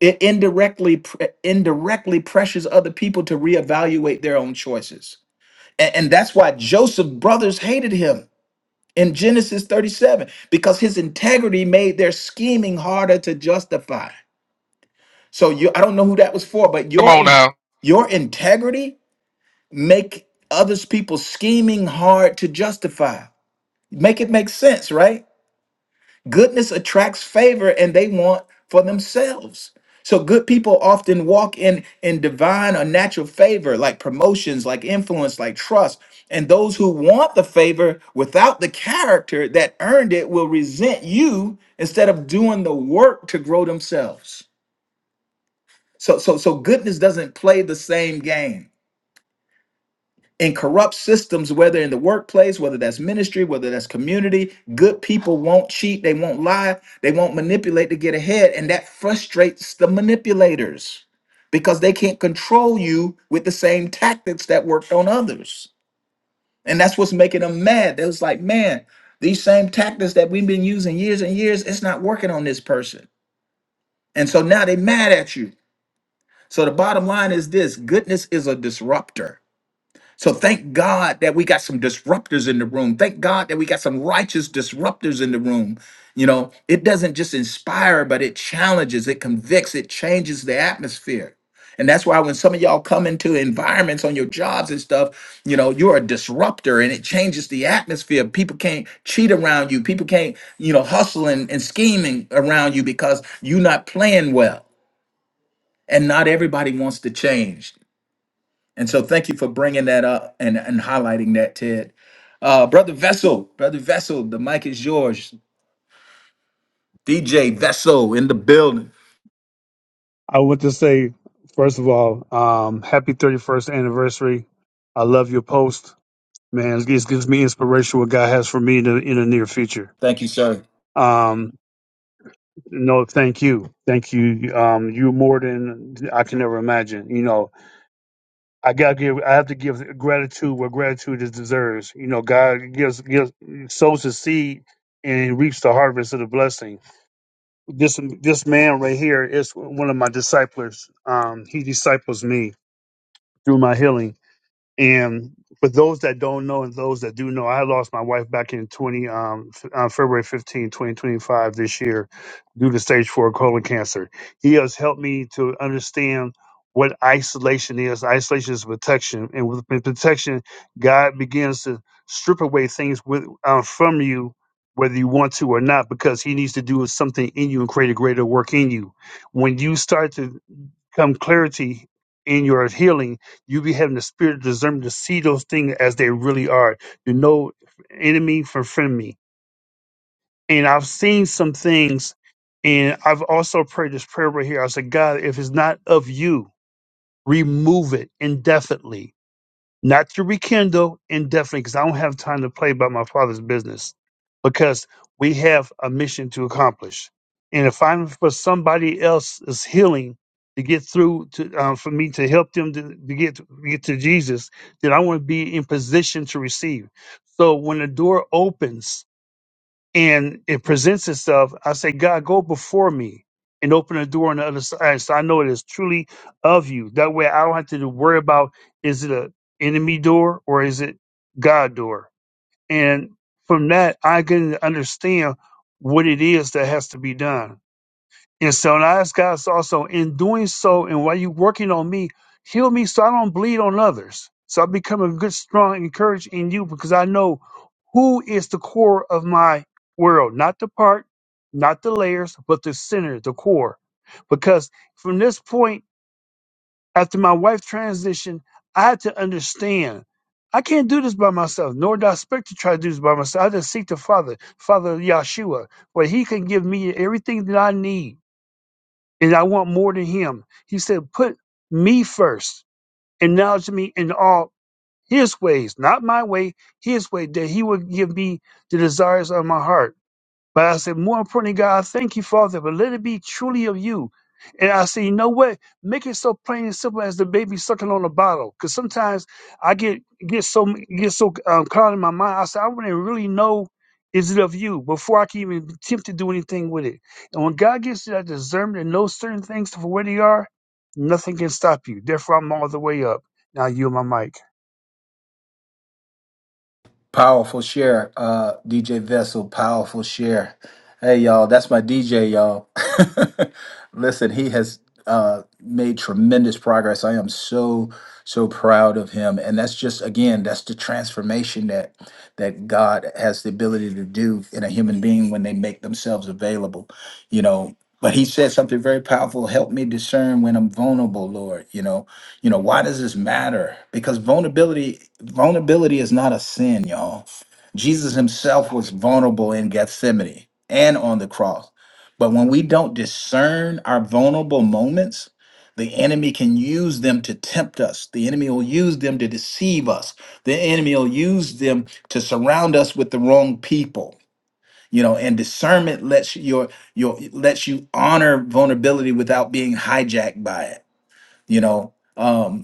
Speaker 1: it indirectly pre- indirectly pressures other people to reevaluate their own choices. And, and that's why Joseph's brothers hated him in Genesis 37 because his integrity made their scheming harder to justify. So you I don't know who that was for, but
Speaker 4: Come
Speaker 1: your
Speaker 4: on
Speaker 1: in-
Speaker 4: now.
Speaker 1: your integrity make others people scheming hard to justify. Make it make sense, right? Goodness attracts favor and they want for themselves. So good people often walk in in divine or natural favor like promotions, like influence, like trust. And those who want the favor without the character that earned it will resent you instead of doing the work to grow themselves. So so so goodness doesn't play the same game and corrupt systems, whether in the workplace, whether that's ministry, whether that's community, good people won't cheat, they won't lie, they won't manipulate to get ahead. And that frustrates the manipulators because they can't control you with the same tactics that worked on others. And that's what's making them mad. They was like, man, these same tactics that we've been using years and years, it's not working on this person. And so now they mad at you. So the bottom line is this goodness is a disruptor. So thank God that we got some disruptors in the room. Thank God that we got some righteous disruptors in the room. You know, it doesn't just inspire, but it challenges, it convicts, it changes the atmosphere. And that's why when some of y'all come into environments on your jobs and stuff, you know, you're a disruptor and it changes the atmosphere. People can't cheat around you. People can't, you know, hustle and, and scheming around you because you're not playing well. And not everybody wants to change. And so thank you for bringing that up and, and highlighting that, Ted. Uh, Brother Vessel, Brother Vessel, the mic is yours. DJ Vessel in the building.
Speaker 6: I want to say, first of all, um, happy 31st anniversary. I love your post. Man, it gives gives me inspiration what God has for me in the, in the near future.
Speaker 1: Thank you, sir.
Speaker 6: Um, no, thank you. Thank you. Um, you more than I can ever imagine. You know, I gotta give, I have to give gratitude where gratitude is deserves. You know, God gives, gives, sows the seed and reaps the harvest of the blessing. This, this man right here is one of my disciples. Um, he disciples me through my healing And for those that don't know and those that do know, I lost my wife back in 20, um, f- uh, February 15, 2025 this year due to stage four colon cancer. He has helped me to understand what isolation is. Isolation is protection. And with with protection, God begins to strip away things with, uh, from you, whether you want to or not, because he needs to do something in you and create a greater work in you. When you start to come clarity in your healing, you be having the spirit of discernment to see those things as they really are. You know, enemy from friendly. And I've seen some things, and I've also prayed this prayer right here. I said, God, if it's not of you, remove it indefinitely not to rekindle indefinitely, because I don't have time to play about my father's business, because we have a mission to accomplish. And if I'm for somebody else's healing to get through to uh, for me to help them to, to get to get to Jesus, then I want to be in position to receive. So when the door opens, and it presents itself, I say, God, go before me and open a door on the other side so I know it is truly of you. That way I don't have to worry about is it a enemy door or is it God door? And from that, I can understand what it is that has to be done. And so and I ask God so, also in doing so and while you working on me, heal me so I don't bleed on others. So I become a good, strong encourage in you because I know who is the core of my world, not the part, not the layers, but the center, the core. Because from this point, after my wife transitioned, I had to understand I can't do this by myself, nor do I expect to try to do this by myself. I just seek the Father, Father Yahshua, where He can give me everything that I need and I want more than him. He said, Put me first, acknowledge me in all his ways, not my way, his way, that he would give me the desires of my heart. But I said, more importantly, God, thank you, Father, but let it be truly of you. And I said, you know what? Make it so plain and simple as the baby sucking on a bottle. Because sometimes I get get so get so um, caught in my mind. I said, I want to really know is it of you before I can even attempt to do anything with it. And when God gives you that discernment and knows certain things for where they are, nothing can stop you. Therefore, I'm all the way up. Now you and my mic.
Speaker 1: Powerful share, uh, DJ Vessel. Powerful share. Hey, y'all, that's my DJ, y'all. <laughs> Listen, he has uh, made tremendous progress. I am so so proud of him, and that's just again, that's the transformation that that God has the ability to do in a human being when they make themselves available. You know. But he said something very powerful. Help me discern when I'm vulnerable, Lord. You know, you know, why does this matter? Because vulnerability vulnerability is not a sin, y'all. Jesus himself was vulnerable in Gethsemane and on the cross. But when we don't discern our vulnerable moments, the enemy can use them to tempt us. The enemy will use them to deceive us. The enemy will use them to surround us with the wrong people. You know, and discernment lets your your lets you honor vulnerability without being hijacked by it. You know, Um,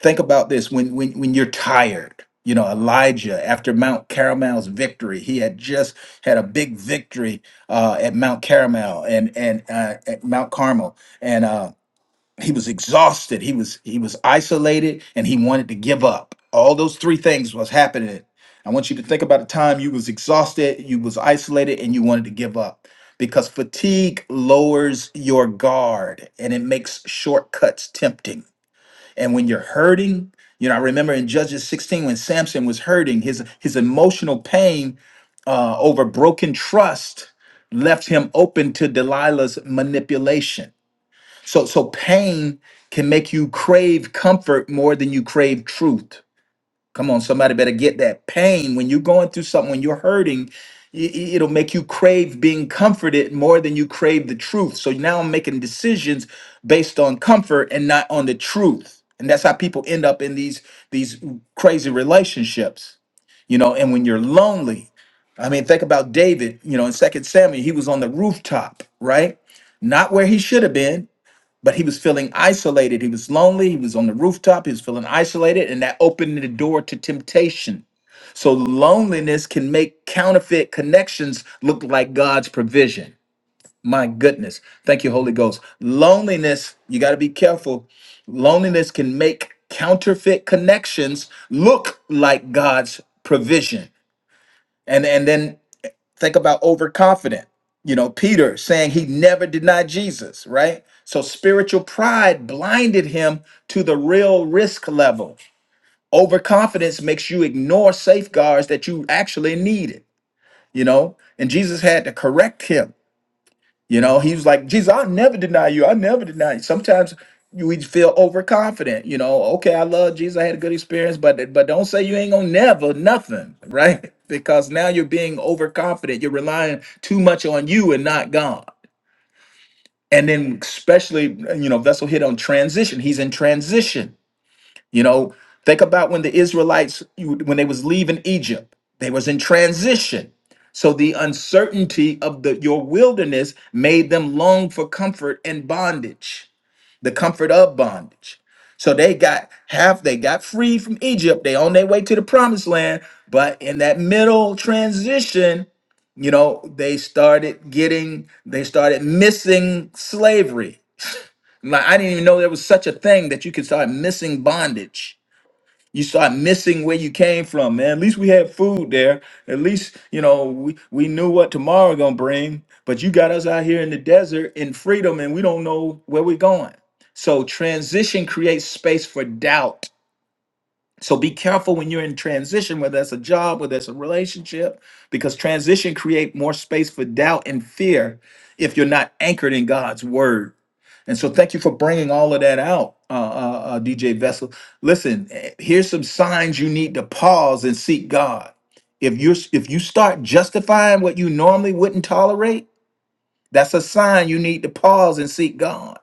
Speaker 1: think about this when when when you're tired you know elijah after mount caramel's victory he had just had a big victory uh at mount caramel and and uh, at mount carmel and uh he was exhausted he was he was isolated and he wanted to give up all those three things was happening i want you to think about the time you was exhausted you was isolated and you wanted to give up because fatigue lowers your guard and it makes shortcuts tempting and when you're hurting, you know, I remember in Judges 16 when Samson was hurting, his his emotional pain uh, over broken trust left him open to Delilah's manipulation. So so pain can make you crave comfort more than you crave truth. Come on, somebody better get that pain. When you're going through something, when you're hurting, i- i- it'll make you crave being comforted more than you crave the truth. So now I'm making decisions based on comfort and not on the truth. And that's how people end up in these these crazy relationships. You know, and when you're lonely, I mean, think about David, you know, in Second Samuel, he was on the rooftop, right? Not where he should have been but he was feeling isolated. He was lonely. He was on the rooftop. He was feeling isolated, and that opened the door to temptation. So loneliness can make counterfeit connections look like God's provision. My goodness. Thank you, Holy Ghost. Loneliness, you got to be careful. Loneliness can make counterfeit connections look like God's provision. And and then Think about overconfident. You know, Peter saying he never denied Jesus, right? So spiritual pride blinded him to the real risk level. Overconfidence makes you ignore safeguards that you actually needed, you know? And Jesus had to correct him you know, he was like, Jesus, I'll never deny you. I'll never deny you. Sometimes you- we feel overconfident, you know, okay, I love Jesus, I had a good experience, but but don't say you ain't gonna never nothing, right? <laughs> Because now you're being overconfident. You're relying too much on you and not God. And then especially, you know, Vessel hit on transition. He's in transition you know, think about when the Israelites you- when they was leaving Egypt, they was in transition. So the uncertainty of the your wilderness made them long for comfort and bondage, the comfort of bondage. So they got half they got free from Egypt. They on their way to the promised land, but in that middle transition, you know, they started getting they started missing slavery. Like I didn't even know there was such a thing that you could start missing bondage you start missing where you came from, man. At least we had food there. At least, you know, we, we knew what tomorrow gonna bring. But you got us out here in the desert in freedom and we don't know where we're going. So transition creates space for doubt. So be careful when you're in transition, whether that's a job, whether that's a relationship, because transition create more space for doubt and fear if you're not anchored in God's word. And so, thank you for bringing all of that out, uh, uh, uh, DJ Vessel. Listen, eh, here's some signs you need to pause and seek God. If you are if you start justifying what you normally wouldn't tolerate, that's a sign you need to pause and seek God.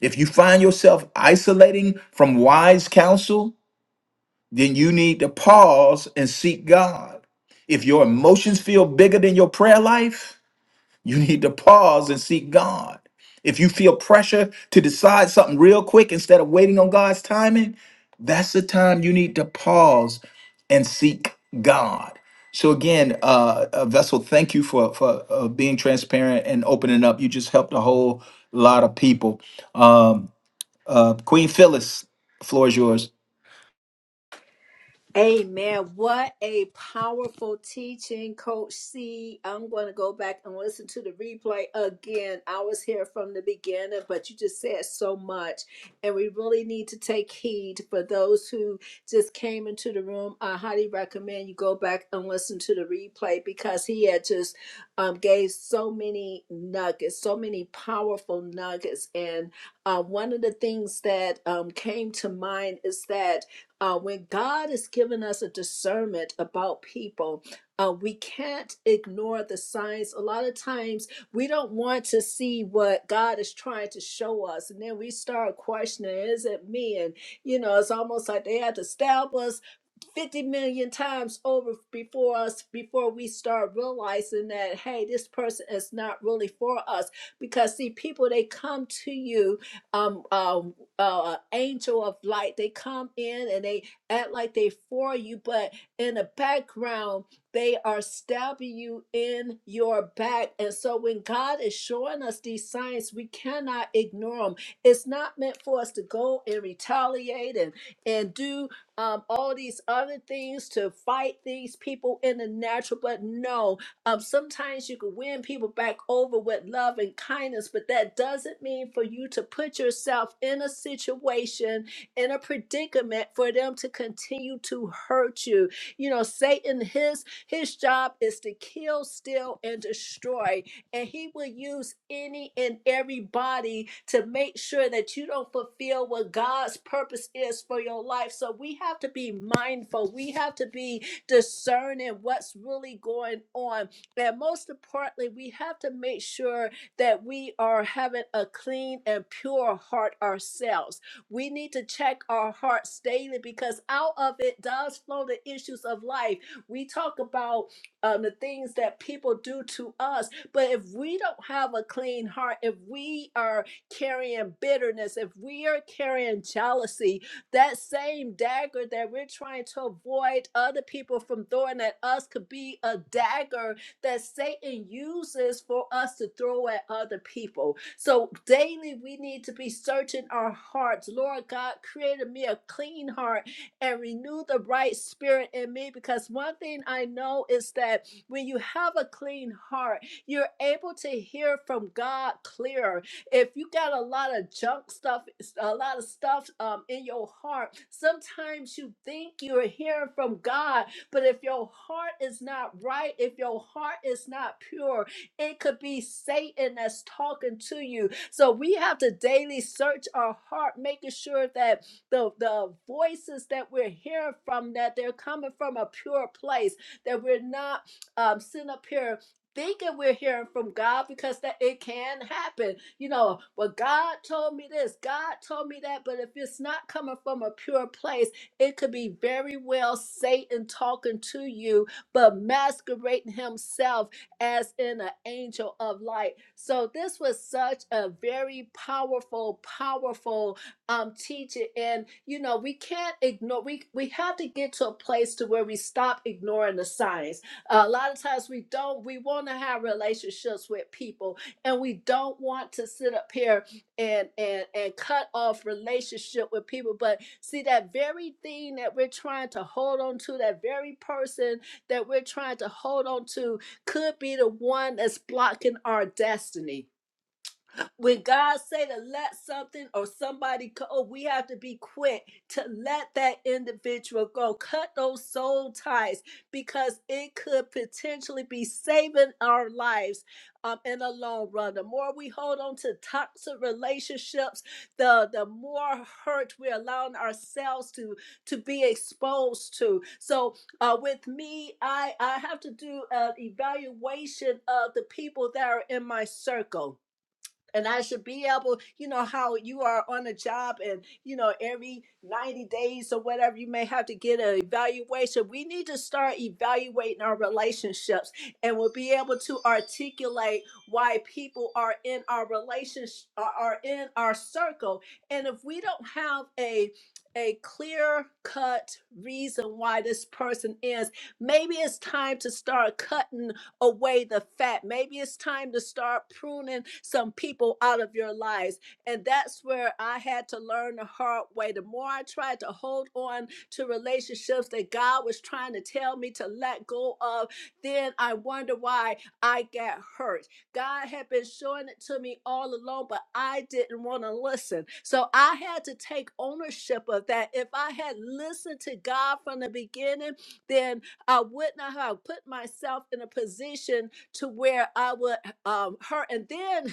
Speaker 1: If you find yourself isolating from wise counsel, then you need to pause and seek God. If your emotions feel bigger than your prayer life, you need to pause and seek God. If you feel pressure to decide something real quick instead of waiting on God's timing, that's the time you need to pause and seek God. So again, uh, uh, Vessel, thank you for for uh, being transparent and opening up. You just helped a whole lot of people. Um, uh, Queen Phyllis, floor is yours.
Speaker 7: Amen. What a powerful teaching, Coach C. I'm going to go back and listen to the replay again. I was here from the beginning, but you just said so much. And we really need to take heed for those who just came into the room. I highly recommend you go back and listen to the replay because he had just um, gave so many nuggets, so many powerful nuggets. And uh, one of the things that um, came to mind is that. Uh, when God has given us a discernment about people, uh, we can't ignore the signs. A lot of times we don't want to see what God is trying to show us. And then we start questioning, is it me? And, you know, it's almost like they had to stab us 50 million times over before us before we start realizing that hey this person is not really for us because see people they come to you um um uh angel of light they come in and they act like they for you but in the background they are stabbing you in your back and so when god is showing us these signs we cannot ignore them it's not meant for us to go and retaliate and and do um, all these other things to fight these people in the natural. But no, um, sometimes you can win people back over with love and kindness, but that doesn't mean for you to put yourself in a situation, in a predicament for them to continue to hurt you. You know, Satan, his his job is to kill, steal, and destroy and he will use any and everybody to make sure that you don't fulfill what God's purpose is for your life. So we have to be mindful. We have to be discerning what's really going on. And most importantly, we have to make sure that we are having a clean and pure heart ourselves. We need to check our hearts daily because out of it does flow the issues of life. We talk about um, the things that people do to us but if we don't have a clean heart, if we are carrying bitterness, if we are carrying jealousy, that same dagger that we're trying to avoid other people from throwing at us could be a dagger that Satan uses for us to throw at other people. So daily we need to be searching our hearts. Lord God created me a clean heart and renew the right spirit in me because one thing I know is that when you have a clean heart, you're able to hear from God clearer. If you got a lot of junk stuff, a lot of stuff um, in your heart, sometimes you think you're hearing from God, but if your heart is not right, if your heart is not pure, it could be Satan that's talking to you. So we have to daily search our heart, making sure that the, the voices that we're hearing from, that they're coming from a pure place, that we're not um, sitting up here thinking we're hearing from God because that it can happen. You know, well, God told me this, God told me that, but if it's not coming from a pure place, it could be very well Satan talking to you, but masquerading himself as in an angel of light. So this was such a very powerful, powerful um teaching. And you know, we can't ignore we we have to get to a place to where we stop ignoring the signs a lot of times we don't we want to have relationships with people and we don't want to sit up here and and and cut off relationship with people but see that very thing that we're trying to hold on to that very person that we're trying to hold on to could be the one that's blocking our destiny when God say to let something or somebody go, we have to be quick to let that individual go. Cut those soul ties because it could potentially be saving our lives um, in the long run. The more we hold on to toxic relationships, the the more hurt we're allowing ourselves to to be exposed to. So uh, with me, I I have to do an evaluation of the people that are in my circle and I should be able, you know, how you are on a job and, you know, every 90 days or whatever, you may have to get an evaluation. We need to start evaluating our relationships and we'll be able to articulate why people are in our relationship, are in our circle. And if we don't have a a clear cut reason why this person is. Maybe it's time to start cutting away the fat. Maybe it's time to start pruning some people out of your lives. And that's where I had to learn the hard way. The more I tried to hold on to relationships that God was trying to tell me to let go of, then I wonder why I got hurt. God had been showing it to me all along, but I didn't want to listen. So I had to take ownership of that. If I had listened to God from the beginning, then I would not have put myself in a position to where I would um, hurt. And then,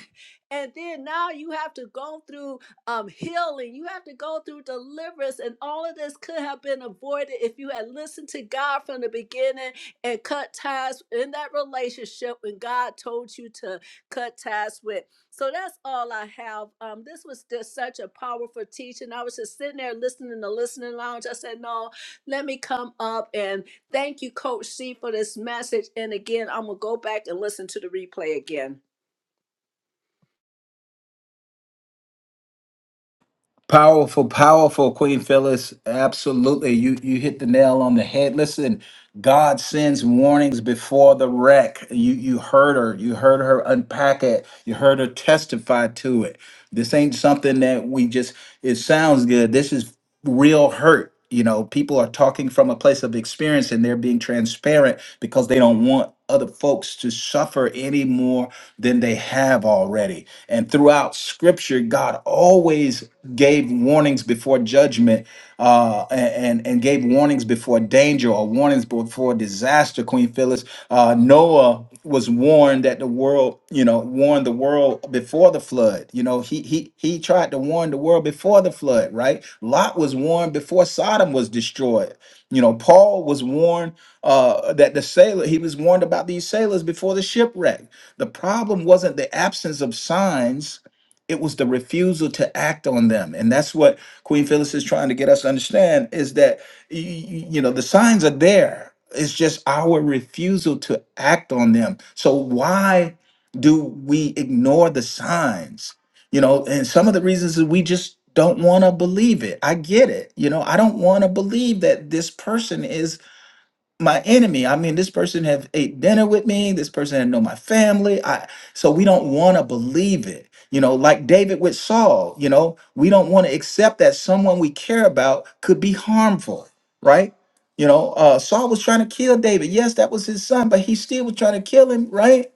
Speaker 7: and then now you have to go through um, healing. You have to go through deliverance. And all of this could have been avoided if you had listened to God from the beginning and cut ties in that relationship when God told you to cut ties with. So that's all I have. Um, this was just such a powerful teaching. I was just sitting there listening in the listening lounge. I said, no, let me come up and Thank you, Coach C, for this message. And again, I'm going to go back and listen to the replay again.
Speaker 1: Powerful, powerful, Queen Phyllis. Absolutely. You you hit the nail on the head. Listen, God sends warnings before the wreck. You you heard her. You heard her unpack it. You heard her testify to it. This ain't something that we just it sounds good. This is real hurt. You know, people are talking from a place of experience and they're being transparent because they don't want other folks to suffer any more than they have already. And throughout scripture, God always gave warnings before judgment uh, and, and, and gave warnings before danger or warnings before disaster, Queen Phyllis uh, Noah was warned that the world, you know, warned the world before the flood. You know, he he he tried to warn the world before the flood, right? Lot was warned before Sodom was destroyed. You know, Paul was warned uh, that the sailor he was warned about these sailors before the shipwreck. The problem wasn't the absence of signs; it was the refusal to act on them, and that's what Queen Phyllis is trying to get us to understand: is that you, you know, the signs are there. It's just our refusal to act on them. So why do we ignore the signs? You know, and some of the reasons is we just don't want to believe it. I get it. You know, I don't want to believe that this person is my enemy. I mean, this person have ate dinner with me. This person had know my family. I so we don't want to believe it. You know, like David with Saul. You know, we don't want to accept that someone we care about could be harmful, right? You know, uh, Saul was trying to kill David. Yes, that was his son, but he still was trying to kill him, right?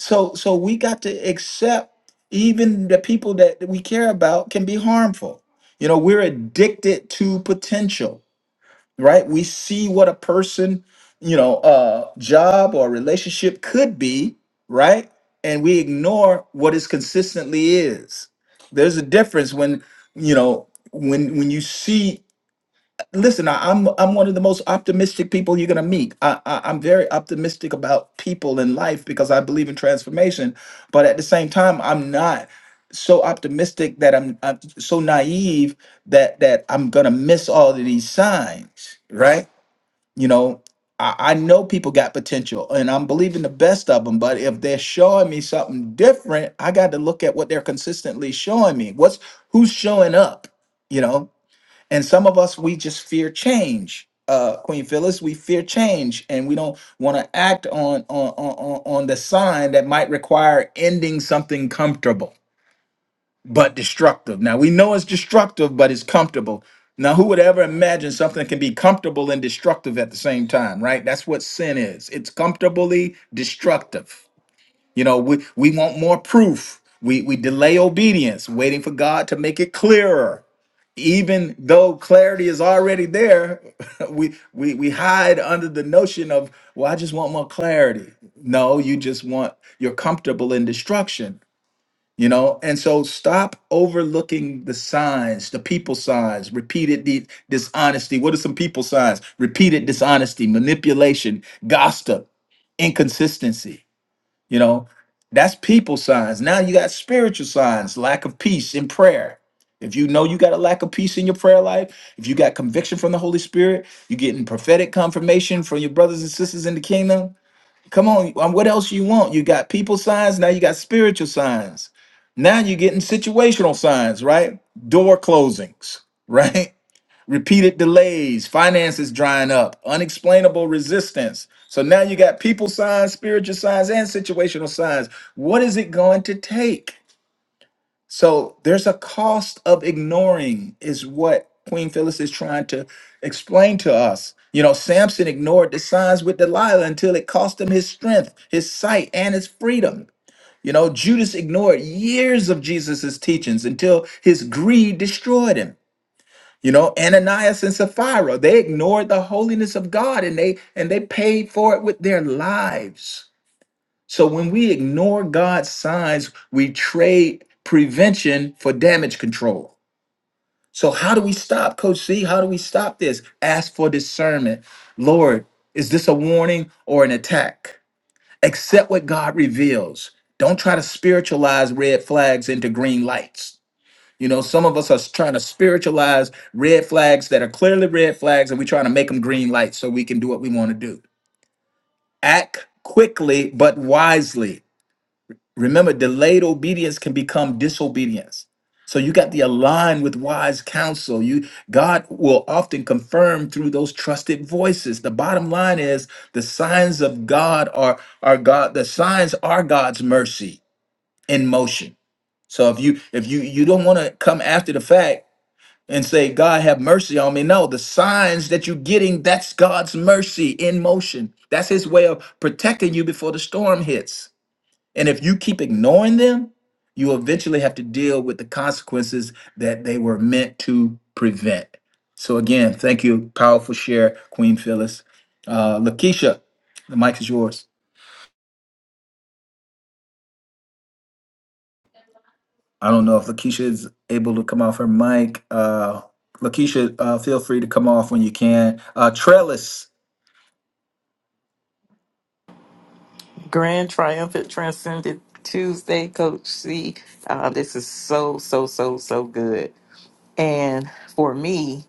Speaker 1: So, so we got to accept even the people that we care about can be harmful. You know, we're addicted to potential right? We see what a person, you know, uh job or relationship could be, right? And we ignore what it consistently is. There's a difference when, you know, when when you see listen, I, I'm I'm one of the most optimistic people you're gonna meet. I, I I'm very optimistic about people in life because I believe in transformation, but at the same time, I'm not so optimistic that I'm, I'm so naive that that I'm gonna miss all of these signs, right? You know, I, I know people got potential and I'm believing the best of them, but if they're showing me something different, I got to look at what they're consistently showing me. What's who's showing up, you know? And some of us, we just fear change. Uh, Queen Phyllis, we fear change and we don't want to act on, on on on on the sign that might require ending something comfortable but destructive. Now we know it's destructive, but it's comfortable. Now, who would ever imagine something can be comfortable and destructive at the same time, right? That's what sin is. It's comfortably destructive. You know, we, we want more proof. We we delay obedience, waiting for God to make it clearer. Even though clarity is already there, <laughs> we we we hide under the notion of, well, I just want more clarity. No, you just want you're comfortable in destruction you know and so stop overlooking the signs the people signs repeated di- dishonesty what are some people signs repeated dishonesty manipulation gossip inconsistency you know that's people signs now you got spiritual signs lack of peace in prayer if you know you got a lack of peace in your prayer life if you got conviction from the holy spirit you're getting prophetic confirmation from your brothers and sisters in the kingdom Come on, um, what else you want? You got people signs, now you got spiritual signs. Now you're getting situational signs, right? Door closings, right? <laughs> Repeated delays, finances drying up, unexplainable resistance. So now you got people signs, spiritual signs, and situational signs. What is it going to take? So there's a cost of ignoring, is what Queen Phyllis is trying to explain to us. You know, Samson ignored the signs with Delilah until it cost him his strength, his sight, and his freedom. You know, Judas ignored years of Jesus's teachings until his greed destroyed him. You know, Ananias and Sapphira, they ignored the holiness of God and they and they paid for it with their lives. So when we ignore God's signs, we trade prevention for damage control. So how do we stop, Coach C? How do we stop this? Ask for discernment. Lord, is this a warning or an attack? Accept what God reveals. Don't try to spiritualize red flags into green lights. You know, some of us are trying to spiritualize red flags that are clearly red flags, and we're trying to make them green lights so we can do what we want to do. Act quickly but wisely Remember, delayed obedience can become disobedience. So you got to align with wise counsel. You God will often confirm through those trusted voices. The bottom line is the signs of God are are God, the signs are God's mercy in motion. So if you if you you don't want to come after the fact and say, God have mercy on me. No, the signs that you're getting, that's God's mercy in motion. That's his way of protecting you before the storm hits. And if you keep ignoring them, you eventually have to deal with the consequences that they were meant to prevent. So again, thank you. Powerful share, Queen Phyllis. Uh, Lakeisha, the mic is yours. I don't know if Lakeisha is able to come off her mic. Uh, Lakeisha, uh, feel free to come off when you can. Uh, Trellis.
Speaker 8: Grand Triumphant Transcendent Tuesday, Coach C. Uh, this is so, so, so, so good. And for me,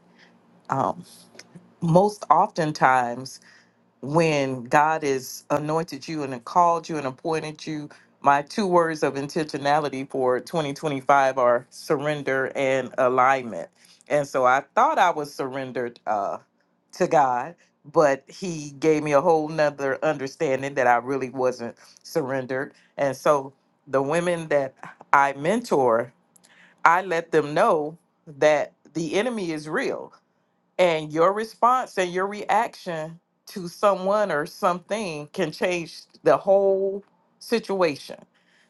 Speaker 8: um, most oftentimes when God has anointed you and called you and appointed you. My two words of intentionality for 2025 are surrender and alignment. And so I thought I was surrendered uh, to God, but He gave me a whole nother understanding that I really wasn't surrendered. And so the women that I mentor, I let them know that the enemy is real and your response and your reaction to someone or something can change the whole situation.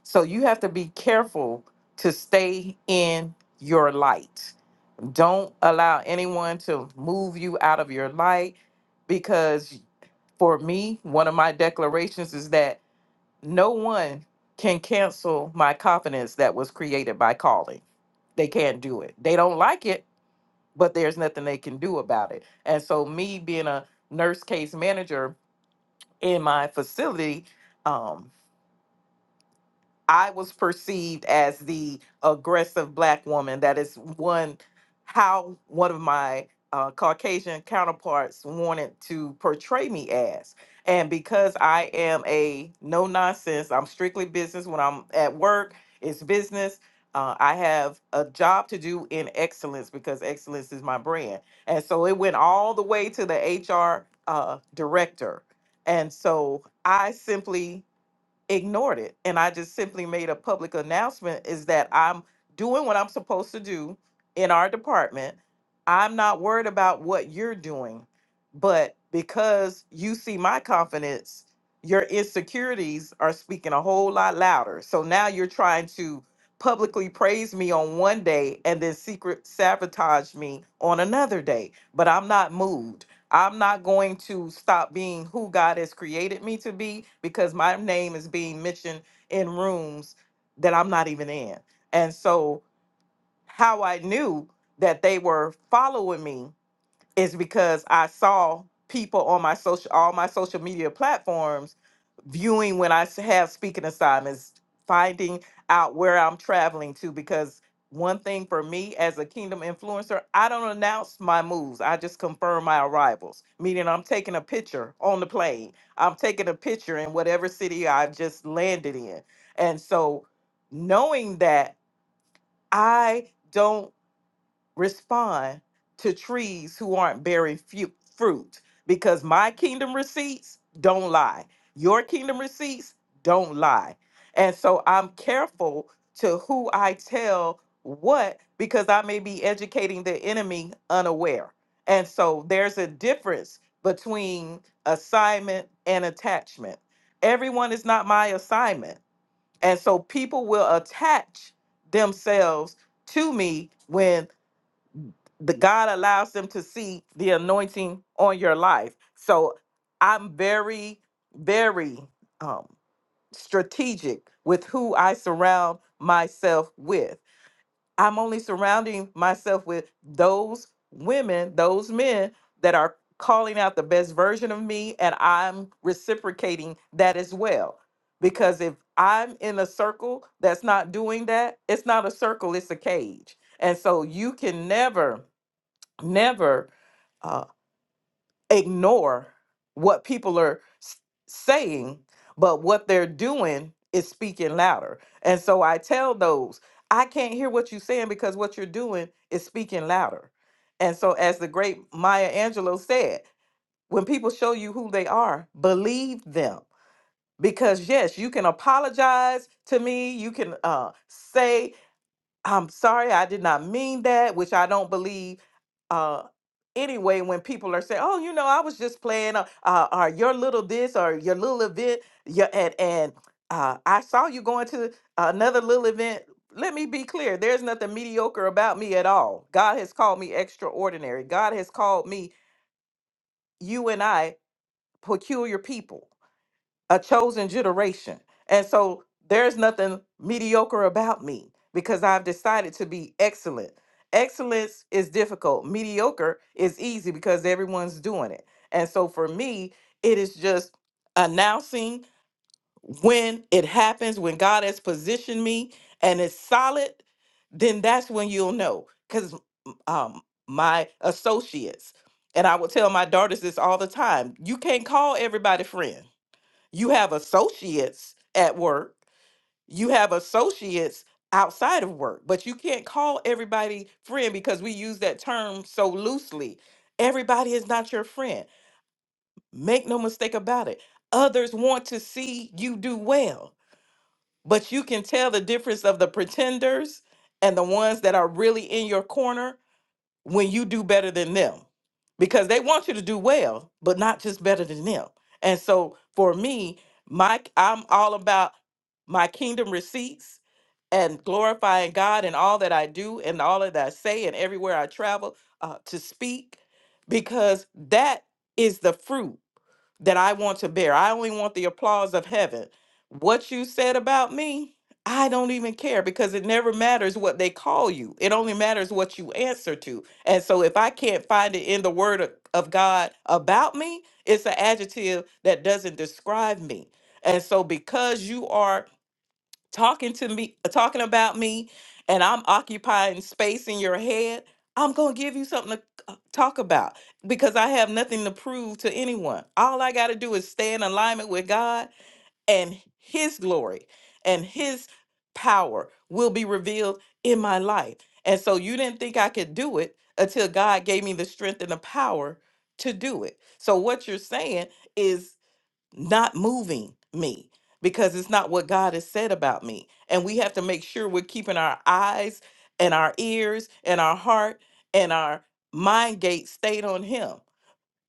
Speaker 8: So you have to be careful to stay in your light. Don't allow anyone to move you out of your light because for me, one of my declarations is that no one can cancel my confidence that was created by calling. They can't do it. They don't like it but there's nothing they can do about it. And so, me being a nurse case manager in my facility, um, I was perceived as the aggressive black woman. That is one how one of my uh, Caucasian counterparts wanted to portray me as. And because I am a no nonsense, I'm strictly business. When I'm at work, it's business. Uh, I have a job to do in excellence because excellence is my brand. And so it went all the way to the HR uh, director. And so I simply ignored it and i just simply made a public announcement is that i'm doing what i'm supposed to do in our department i'm not worried about what you're doing but because you see my confidence your insecurities are speaking a whole lot louder so now you're trying to publicly praise me on one day and then secret sabotage me on another day but i'm not moved I'm not going to stop being who God has created me to be because my name is being mentioned in rooms that I'm not even in. And so, how I knew that they were following me is because I saw people on my social all my social media platforms viewing when I s- have speaking assignments, finding out where I'm traveling to because one thing for me as a kingdom influencer, I don't announce my moves. I just confirm my arrivals, meaning I'm taking a picture on the plane. I'm taking a picture in whatever city I've just landed in. And so knowing that I don't respond to trees who aren't bearing fu- fruit because my kingdom receipts don't lie. Your kingdom receipts don't lie. And so I'm careful to who I tell what because I may be educating the enemy unaware. And so there's a difference between assignment and attachment. Everyone is not my assignment. And so people will attach themselves to me when the God allows them to see the anointing on your life. So I'm very, very um, strategic with who I surround myself with. I'm only surrounding myself with those women, those men that are calling out the best version of me, and I'm reciprocating that as well. Because if I'm in a circle that's not doing that, it's not a circle, it's a cage. And so you can never never uh, ignore what people are s- saying, but what they're doing is speaking louder. And so I tell those, I can't hear what you're saying because what you're doing is speaking louder. And so, as the great Maya Angelou said, when people show you who they are, believe them. Because, yes, you can apologize to me, you can uh, say I'm sorry, I did not mean that, which I don't believe. Uh, anyway, when people are saying, "Oh, you know, I was just playing," uh, uh, or your little this, or your little event, your, and and uh, I saw you going to another little event. Let me be clear: there's nothing mediocre about me at all. God has called me extraordinary. God has called me you and I peculiar people a chosen generation. And so there's nothing mediocre about me because I've decided to be excellent. Excellence is difficult, mediocre is easy because everyone's doing it. And so for me, it is just announcing when it happens, when God has positioned me and it's solid, then that's when you'll know. Because um, my associates, and I will tell my daughters this all the time you can't call everybody friend you have associates at work. You have associates outside of work, but you can't call everybody friend because we use that term so loosely. Everybody is not your friend. Make no mistake about it. Others want to see you do well, but you can tell the difference of the pretenders and the ones that are really in your corner when you do better than them because they want you to do well but not just better than them and so for me my i'm all about my kingdom receipts and glorifying god in all that i do and all that i say and everywhere i travel uh, to speak because that is the fruit that I want to bear. I only want the applause of heaven. What you said about me, I don't even care because it never matters what they call you. It only matters what you answer to. And so if I can't find it in the word of of God about me, it's an adjective that doesn't describe me. And so because you are talking to me uh, talking about me and i'm occupying space in your head i'm going to give you something to c- talk about because i have nothing to prove to anyone all i got to do is stay in alignment with god and his glory and his power will be revealed in my life and so you didn't think i could do it until god gave me the strength and the power to do it so what you're saying is not moving me because it's not what God has said about me. And we have to make sure we're keeping our eyes and our ears and our heart and our mind gate stayed on Him.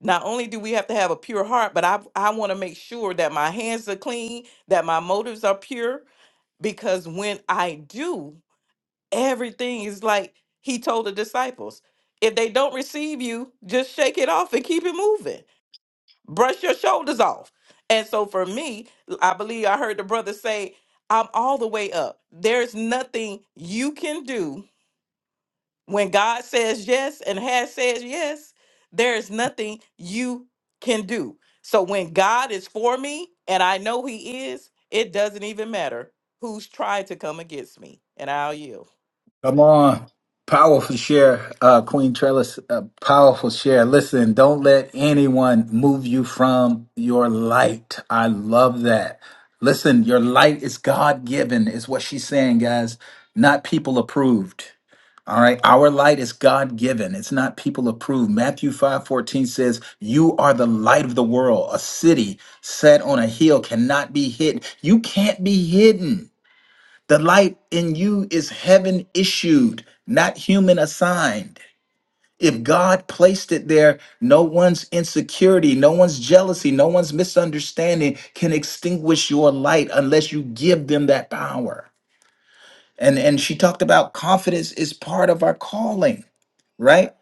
Speaker 8: Not only do we have to have a pure heart, but I, I want to make sure that my hands are clean, that my motives are pure, because when I do, everything is like He told the disciples if they don't receive you, just shake it off and keep it moving brush your shoulders off. And so for me, I believe I heard the brother say, I'm all the way up. There's nothing you can do when God says yes and has said yes. There's nothing you can do. So when God is for me and I know he is, it doesn't even matter who's trying to come against me. And I'll yield.
Speaker 1: Come on. Powerful share, uh, Queen Trellis. Uh, powerful share. Listen, don't let anyone move you from your light. I love that. Listen, your light is God given, is what she's saying, guys, not people approved. All right. Our light is God given. It's not people approved. Matthew 5 14 says, You are the light of the world. A city set on a hill cannot be hidden. You can't be hidden. The light in you is heaven issued, not human assigned. If God placed it there, no one's insecurity, no one's jealousy, no one's misunderstanding can extinguish your light unless you give them that power. And and she talked about confidence is part of our calling right?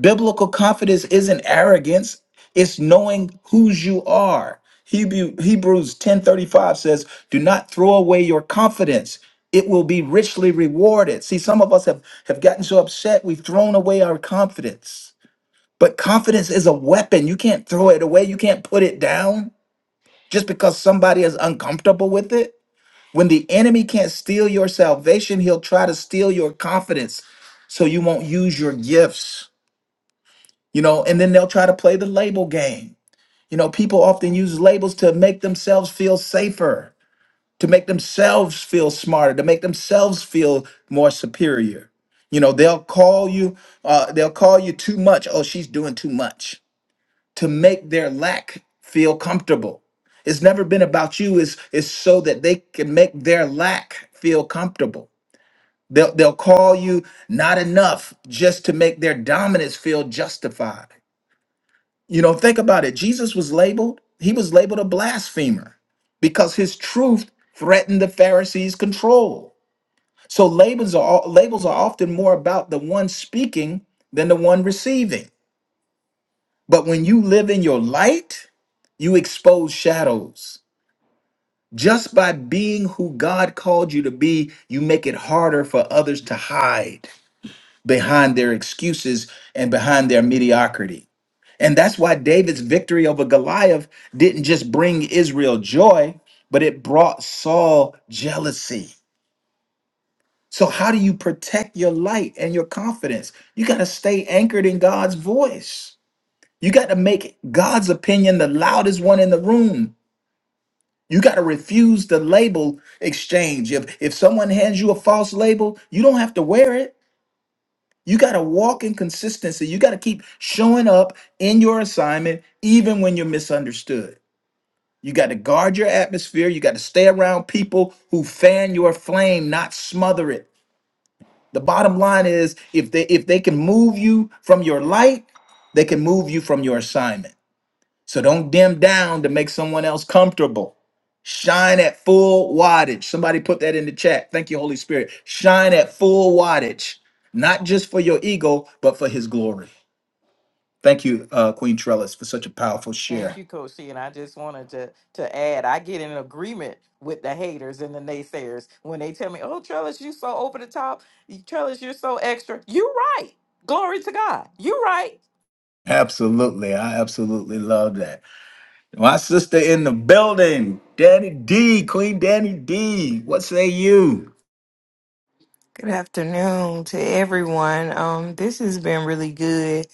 Speaker 1: Biblical confidence isn't arrogance, it's knowing whose you are. Hebrew, Hebrews 10:35 says, "Do not throw away your confidence. It will be richly rewarded." See, some of us have have gotten so upset we've thrown away our confidence. But confidence is a weapon. You can't throw it away. You can't put it down just because somebody is uncomfortable with it. When the enemy can't steal your salvation, he'll try to steal your confidence so you won't use your gifts you know, and then they'll try to play the label game. You know, people often use labels to make themselves feel safer, to make themselves feel smarter, to make themselves feel more superior. You know, they'll call you, uh, they'll call you too much. Oh, she's doing too much to make their lack feel comfortable. It's never been about you. It's, it's so that they can make their lack feel comfortable. They'll, they'll call you not enough just to make their dominance feel justified you know, think about it. Jesus was labeled, he was labeled a blasphemer because his truth threatened the Pharisees' control. So labels are labels are often more about the one speaking than the one receiving. But when you live in your light, you expose shadows. Just by being who God called you to be, you make it harder for others to hide behind their excuses and behind their mediocrity. And that's why David's victory over Goliath didn't just bring Israel joy, but it brought Saul jealousy. So, how do you protect your light and your confidence? You got to stay anchored in God's voice. You got to make God's opinion the loudest one in the room. You got to refuse the label exchange. If, if someone hands you a false label, you don't have to wear it. You got to walk in consistency. You got to keep showing up in your assignment, even when you're misunderstood. You got to guard your atmosphere. You got to stay around people who fan your flame, not smother it. The bottom line is if they if they can move you from your light, they can move you from your assignment. So don't dim down to make someone else comfortable. Shine at full wattage. Somebody put that in the chat. Thank you, Holy Spirit. Shine at full wattage, not just for your ego, but for his glory. Thank you, uh, Queen Trellis, for such a powerful
Speaker 8: Thank
Speaker 1: share.
Speaker 8: you, Koshi. And I just wanted to to add, I get in agreement with the haters and the naysayers when they tell me, "Oh, Trellis, you so over the top. You- Trellis, you're so extra." You right. Glory to God. You right.
Speaker 1: Absolutely. I absolutely love that. My sister in the building, Danny D, Queen Danny D. What say you?
Speaker 9: Good afternoon to everyone. Um, this has been really good.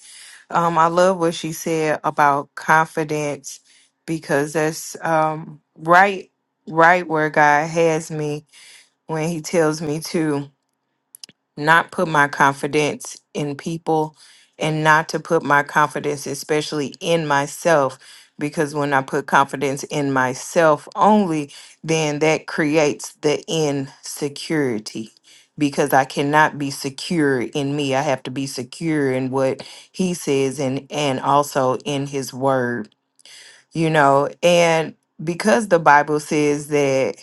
Speaker 9: Um, I love what she said about confidence because that's um right right where God has me when He tells me to not put my confidence in people and not to put my confidence especially in myself because when i put confidence in myself only then that creates the insecurity because i cannot be secure in me i have to be secure in what he says and and also in his word you know and because the bible says that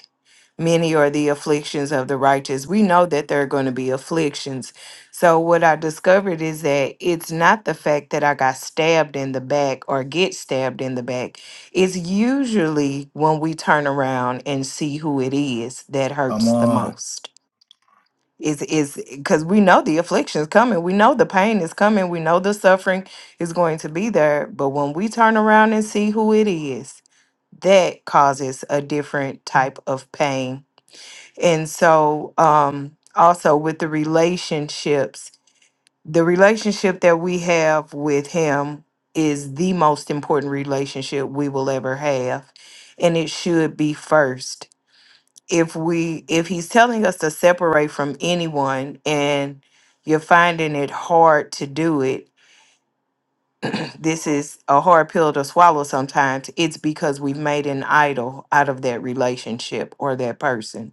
Speaker 9: Many are the afflictions of the righteous. We know that there are going to be afflictions. So, what I discovered is that it's not the fact that I got stabbed in the back or get stabbed in the back. It's usually when we turn around and see who it is that
Speaker 1: Come
Speaker 9: hurts the
Speaker 1: on.
Speaker 9: most. Is is because we know the affliction is coming, we know the pain is coming, we know the suffering is going to be there. But when we turn around and see who it is, that causes a different type of pain and so, um, also with the relationships, the relationship that we have with Him is the most important relationship we will ever have. And it should be first. If we if he's telling us to separate from anyone and you're finding it hard to do it, <clears throat> this is a hard pill to swallow sometimes. It's because we've made an idol out of that relationship or that person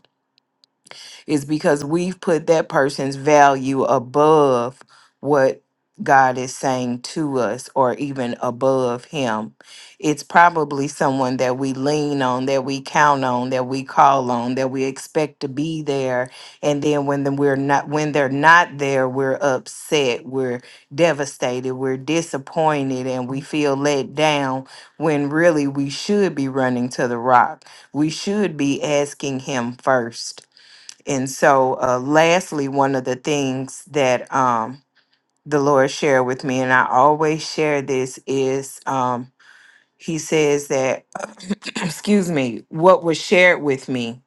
Speaker 9: is because we've put that person's value above what God is saying to us or even above him. It's probably someone that we lean on, that we count on, that we call on, that we expect to be there. And then when the, we're not when they're not there, we're upset, we're devastated, we're disappointed and we feel let down when really we should be running to the rock. We should be asking him first and so, uh, lastly, one of the things that um, the Lord shared with me, and I always share this, is um, He says that, <clears throat> excuse me, what was shared with me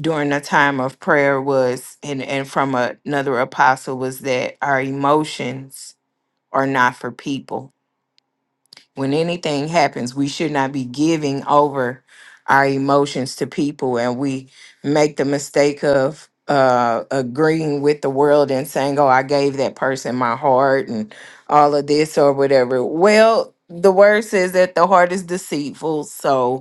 Speaker 9: during a time of prayer was, and, and from a- another apostle, was that our emotions are not for people when anything happens, we should not be giving over our emotions to people and we make the mistake of uh agreeing with the world and saying, Oh, I gave that person my heart and all of this or whatever. Well, the word says that the heart is deceitful. So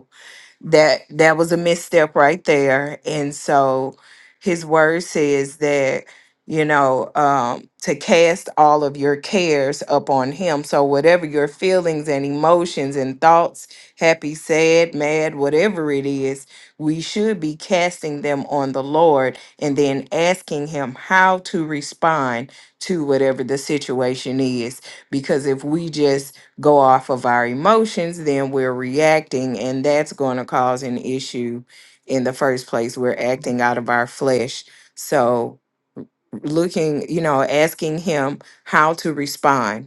Speaker 9: that that was a misstep right there and so his word says that you know um to cast all of your cares upon him so whatever your feelings and emotions and thoughts happy sad mad whatever it is we should be casting them on the lord and then asking him how to respond to whatever the situation is because if we just go off of our emotions, then we're reacting, and that's going to cause an issue in the first place. We're acting out of our flesh. So, looking, you know, asking him how to respond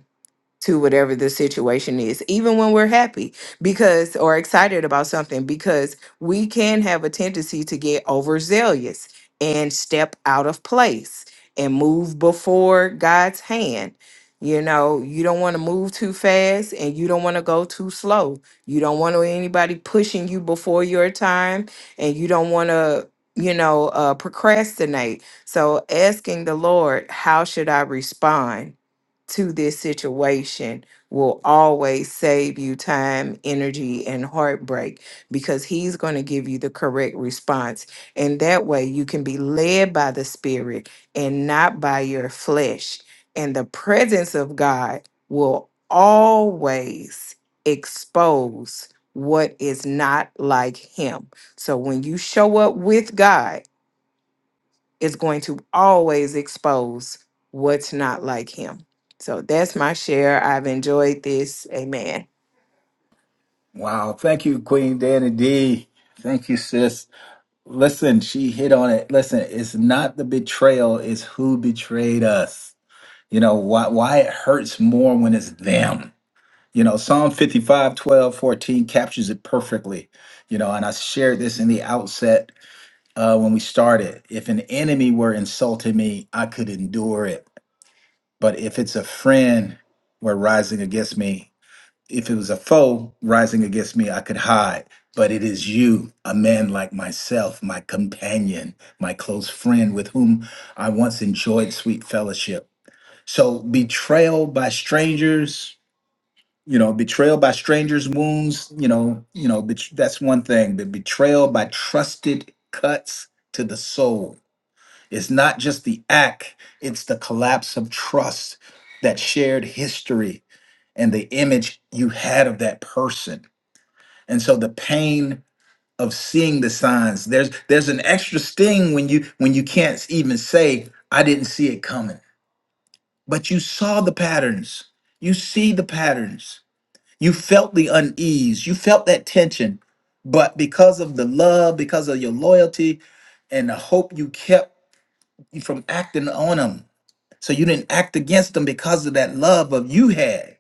Speaker 9: to whatever the situation is, even when we're happy because or excited about something, because we can have a tendency to get overzealous and step out of place and move before God's hand. You know, you don't want to move too fast and you don't want to go too slow. You don't want anybody pushing you before your time and you don't want to, you know, uh, procrastinate. So asking the Lord, how should I respond? to this situation will always save you time, energy, and heartbreak because he's going to give you the correct response. And that way you can be led by the Spirit and not by your flesh. And the presence of God will always expose what is not like him. So when you show up with God, is going to always expose what's not like him. So that's my share. I've enjoyed this. Amen.
Speaker 1: Wow. Thank you, Queen Danny D. Thank you, sis. Listen, she hit on it. Listen, it's not the betrayal, it's who betrayed us. You know, why why it hurts more when it's them. You know, Psalm 55, 12, 14 captures it perfectly. You know, and I shared this in the outset uh, when we started. If an enemy were insulting me, I could endure it But if it's a friend were rising against me, if it was a foe rising against me, I could hide. But it is you, a man like myself, my companion, my close friend with whom I once enjoyed sweet fellowship. So betrayal by strangers, you know, betrayal by strangers' wounds, you know, you know, bet- that's one thing. But betrayal by trusted cuts to the soul it's not just the act, it's the collapse of trust, that shared history, and the image you had of that person. And so the pain of seeing the signs, there's there's an extra sting when you when you can't even say, I didn't see it coming. But you saw the patterns. You see the patterns. You felt the unease. You felt that tension. But because of the love, because of your loyalty and the hope you kept from acting on them, so you didn't act against them because of that love of you had.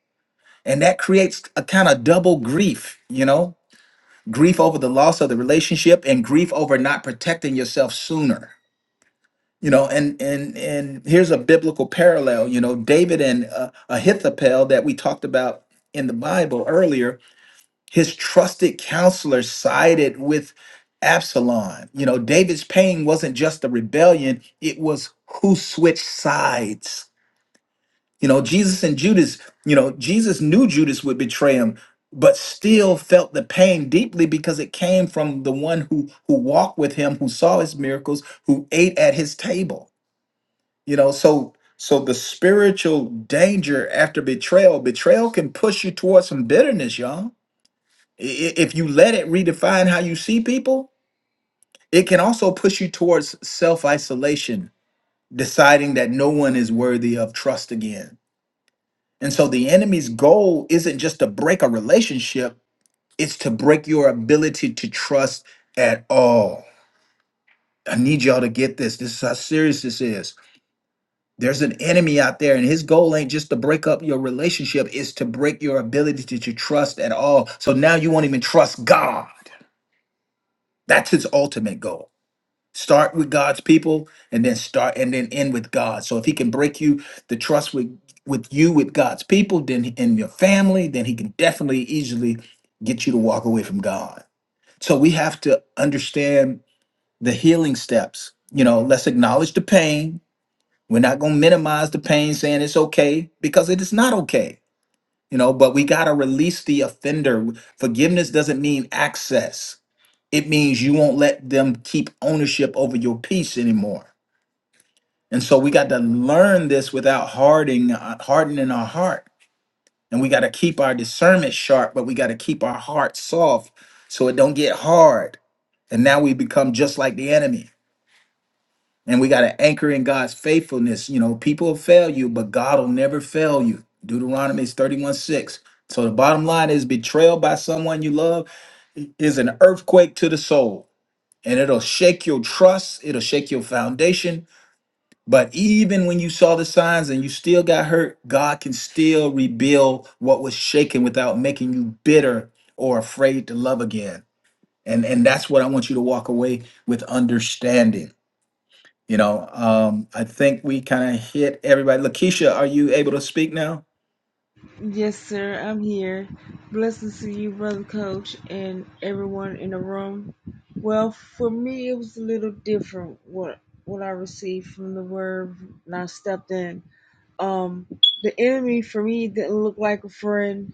Speaker 1: And that creates a kind of double grief, you know, grief over the loss of the relationship and grief over not protecting yourself sooner. You know, and and and here's a biblical parallel. You know, David and uh, Ahithophel that we talked about in the Bible earlier. His trusted counselor sided with Absalom. You know, David's pain wasn't just the rebellion; it was who switched sides You know, Jesus and Judas, you know, Jesus knew Judas would betray him, but still felt the pain deeply because it came from the one who who walked with him, who saw his miracles, who ate at his table. You know, so so the spiritual danger after betrayal, betrayal can push you towards some bitterness, y'all. I- i- If you let it redefine how you see people, it can also push you towards self-isolation, deciding that no one is worthy of trust again And so the enemy's goal isn't just to break a relationship, it's to break your ability to trust at all. I need y'all to get this. This is how serious this is. There's an enemy out there, and his goal ain't just to break up your relationship, it's to break your ability to, to trust at all. So now you won't even trust God. That's his ultimate goal. Start with God's people and then start and then end with God. So if he can break you the trust with with you with God's people, then in your family, then he can definitely easily get you to walk away from God. So we have to understand the healing steps. You know, let's acknowledge the pain. We're not going to minimize the pain saying it's okay because it is not okay. You know, but we got to release the offender. Forgiveness doesn't mean access. It means you won't let them keep ownership over your peace anymore and so we got to learn this without hardening, uh, hardening our heart. And we got to keep our discernment sharp, but we got to keep our heart soft so it don't get hard. And now we become just like the enemy. And we got to anchor in God's faithfulness. You know, people will fail you, but God will never fail you. Deuteronomy 31 6. So the bottom line is betrayal by someone you love is an earthquake to the soul. And it'll shake your trust, it'll shake your foundation, but even when you saw the signs and you still got hurt, God can still rebuild what was shaken without making you bitter or afraid to love again. And and that's what I want you to walk away with understanding. You know, um, I think we kind of hit everybody. Lakeisha, are you able to speak now?
Speaker 10: Yes, sir, I'm here. Blessings to you, brother coach, and everyone in the room. Well, for me, it was a little different what what I received from the word when I stepped in. Um, the enemy for me didn't look like a friend.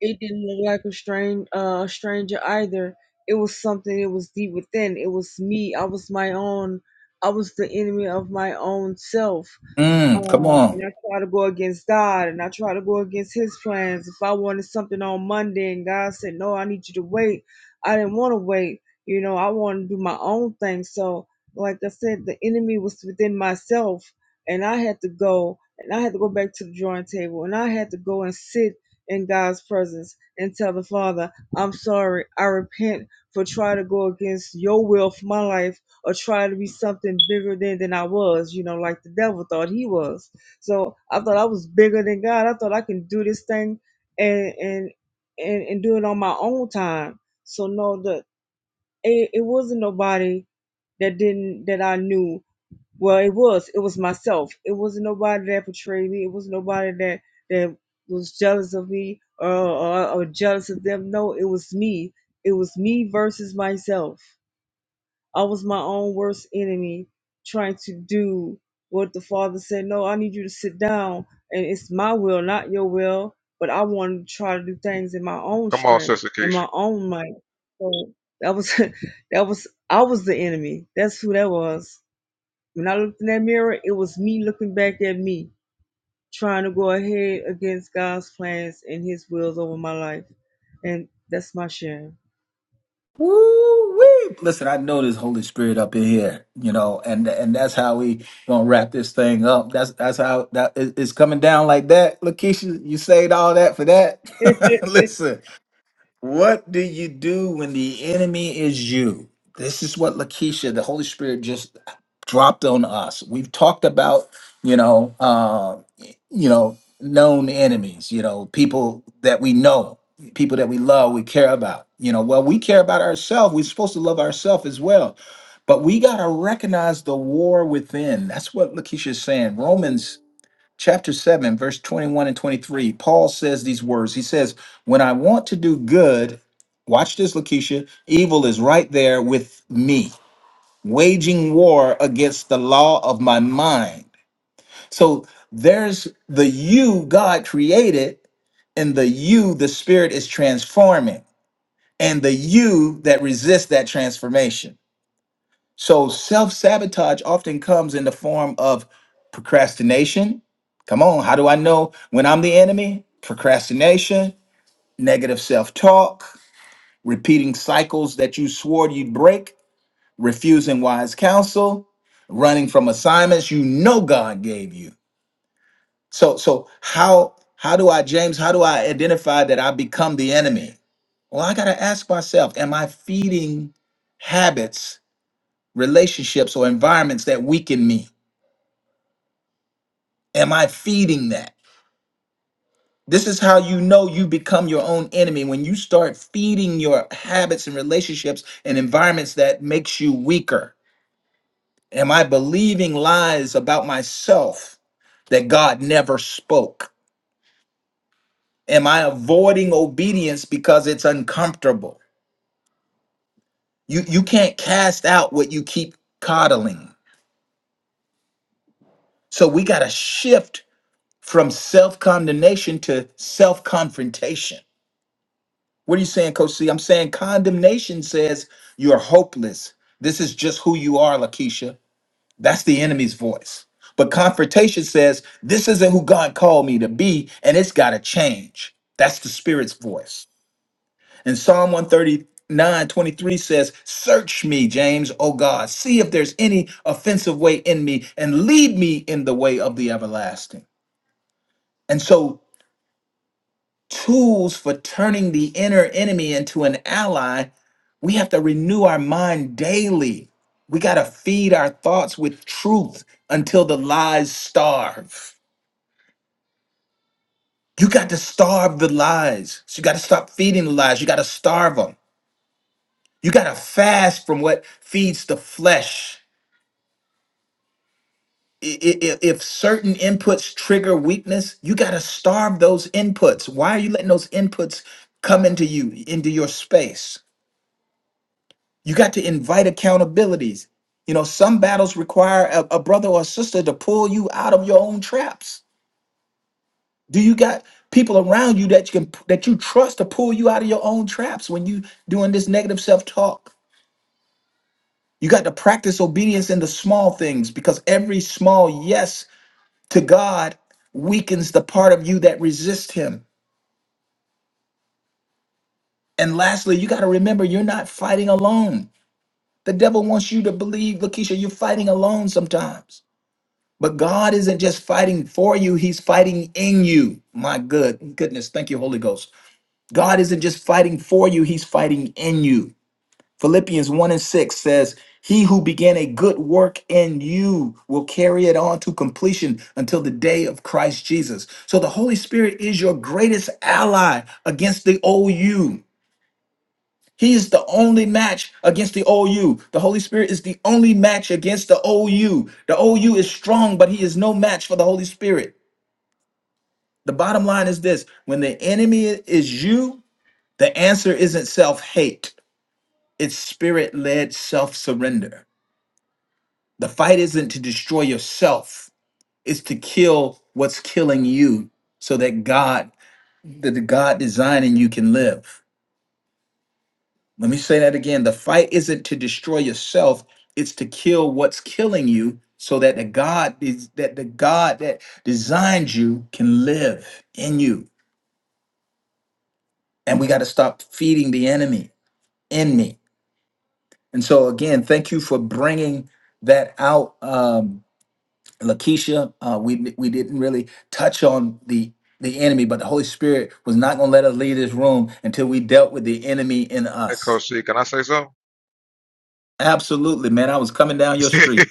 Speaker 10: It didn't look like a strange uh, stranger either. It was something. It was deep within. It was me. I was my own. I was the enemy of my own self
Speaker 1: Mm, come
Speaker 10: um,
Speaker 1: on.
Speaker 10: and I try to go against God and I try to go against his plans. If I wanted something on Monday and God said, No, I need you to wait, I didn't want to wait. You know, I wanted to do my own thing. So, like I said, the enemy was within myself and I had to go and I had to go back to the drawing table and I had to go and sit in God's presence and tell the Father, I'm sorry, I repent for trying to go against your will for my life or try to be something bigger than than I was, you know, like the devil thought he was. So I thought I was bigger than God. I thought I can do this thing and and and, and do it on my own time. So no, the it, it wasn't nobody that didn't that I knew. Well, it was. It was myself. It wasn't nobody that betrayed me. It was nobody that that was jealous of me or, or or jealous of them. No, it was me. It was me versus myself I was my own worst enemy trying to do what the father said, No, I need you to sit down and it's my will, not your will. But I wanted to try to do things in my own
Speaker 4: Come on,
Speaker 10: strength,
Speaker 4: Sister
Speaker 10: in
Speaker 4: Keisha.
Speaker 10: my own might. So that was <laughs> that was I was the enemy. That's who that was. When I looked in that mirror, it was me looking back at me, trying to go ahead against God's plans and his wills over my life. And that's my share.
Speaker 1: Woo-wee. Listen, I know there's Holy Spirit up in here, you know, and and that's how we gonna wrap this thing up. That's that's how that it- it's coming down like that. Lakeisha, you saved all that for that.
Speaker 10: <laughs>
Speaker 1: <laughs> Listen. What do you do when the enemy is you? This is what Lakeisha, the Holy Spirit, just dropped on us. We've talked about, you know, uh, you know, known enemies. You know, people that we know, people that we love, we care about. You know, well, we care about ourselves. We're supposed to love ourselves as well, but we gotta recognize the war within. That's what Lakeisha is saying. Romans chapter 7, verse 21 and 23, Paul says these words. He says, When I want to do good, watch this, Lakeisha, evil is right there with me, waging war against the law of my mind. So there's the you God created, and the you the Spirit is transforming, and the you that resists that transformation. So self sabotage often comes in the form of procrastination. Come on, how do I know when I'm the enemy? Procrastination, negative self talk, repeating cycles that you swore you'd break, refusing wise counsel, running from assignments you know God gave you. So so how how do I James, how do I identify that I become the enemy? Well, I got to ask myself, am I feeding habits, relationships or environments that weaken me? Am I feeding that? This is how you know you become your own enemy when you start feeding your habits and relationships and environments that makes you weaker. Am I believing lies about myself that God never spoke? Am I avoiding obedience because it's uncomfortable? You you can't cast out what you keep coddling. So we got to shift from self-condemnation to self-confrontation What are you saying, Coach C? I'm saying condemnation says you're hopeless. This is just who you are, Lakeisha. That's the enemy's voice. But confrontation says this isn't who God called me to be, and it's got to change. That's the spirit's voice. And Psalm 139:23 says, Search me, James, O God. See if there's any offensive way in me, and lead me in the way of the everlasting. And so tools for turning the inner enemy into an ally, we have to renew our mind daily. We got to feed our thoughts with truth until the lies starve. You got to starve the lies. So you got to stop feeding the lies. You got to starve them. You got to fast from what feeds the flesh. I- i- i- If certain inputs trigger weakness, you got to starve those inputs. Why are you letting those inputs come into you, into your space? You got to invite accountabilities. You know, some battles require a, a brother or a sister to pull you out of your own traps. Do you got people around you that you can that you trust to pull you out of your own traps when you doing this negative self-talk? You got to practice obedience in the small things because every small yes to God weakens the part of you that resists him. And lastly, you got to remember you're not fighting alone. The devil wants you to believe, Lakeisha, you're fighting alone sometimes But God isn't just fighting for you, He's fighting in you. My good goodness, thank you, Holy Ghost. God isn't just fighting for you, He's fighting in you. Philippians 1 and 6 says, He who began a good work in you will carry it on to completion until the day of Christ Jesus. So the Holy Spirit is your greatest ally against the old you. He's the only match against the OU. The Holy Spirit is the only match against the OU. The OU is strong, but he is no match for the Holy Spirit. The bottom line is this when the enemy is you, the answer isn't self hate, it's spirit led self surrender. The fight isn't to destroy yourself, it's to kill what's killing you so that God, that the God designing you can live. Let me say that again. The fight isn't to destroy yourself, it's to kill what's killing you so that the God is that the God that designed you can live in you. And we got to stop feeding the enemy in me. And so again, thank you for bringing that out um Lakeisha, uh, we we didn't really touch on the the enemy, but the Holy Spirit was not going to let us leave this room until we dealt with the enemy in
Speaker 4: Hey,
Speaker 1: us.
Speaker 4: Coach C, can I say something?
Speaker 1: Absolutely, man. I was coming down your
Speaker 4: <laughs>
Speaker 1: street.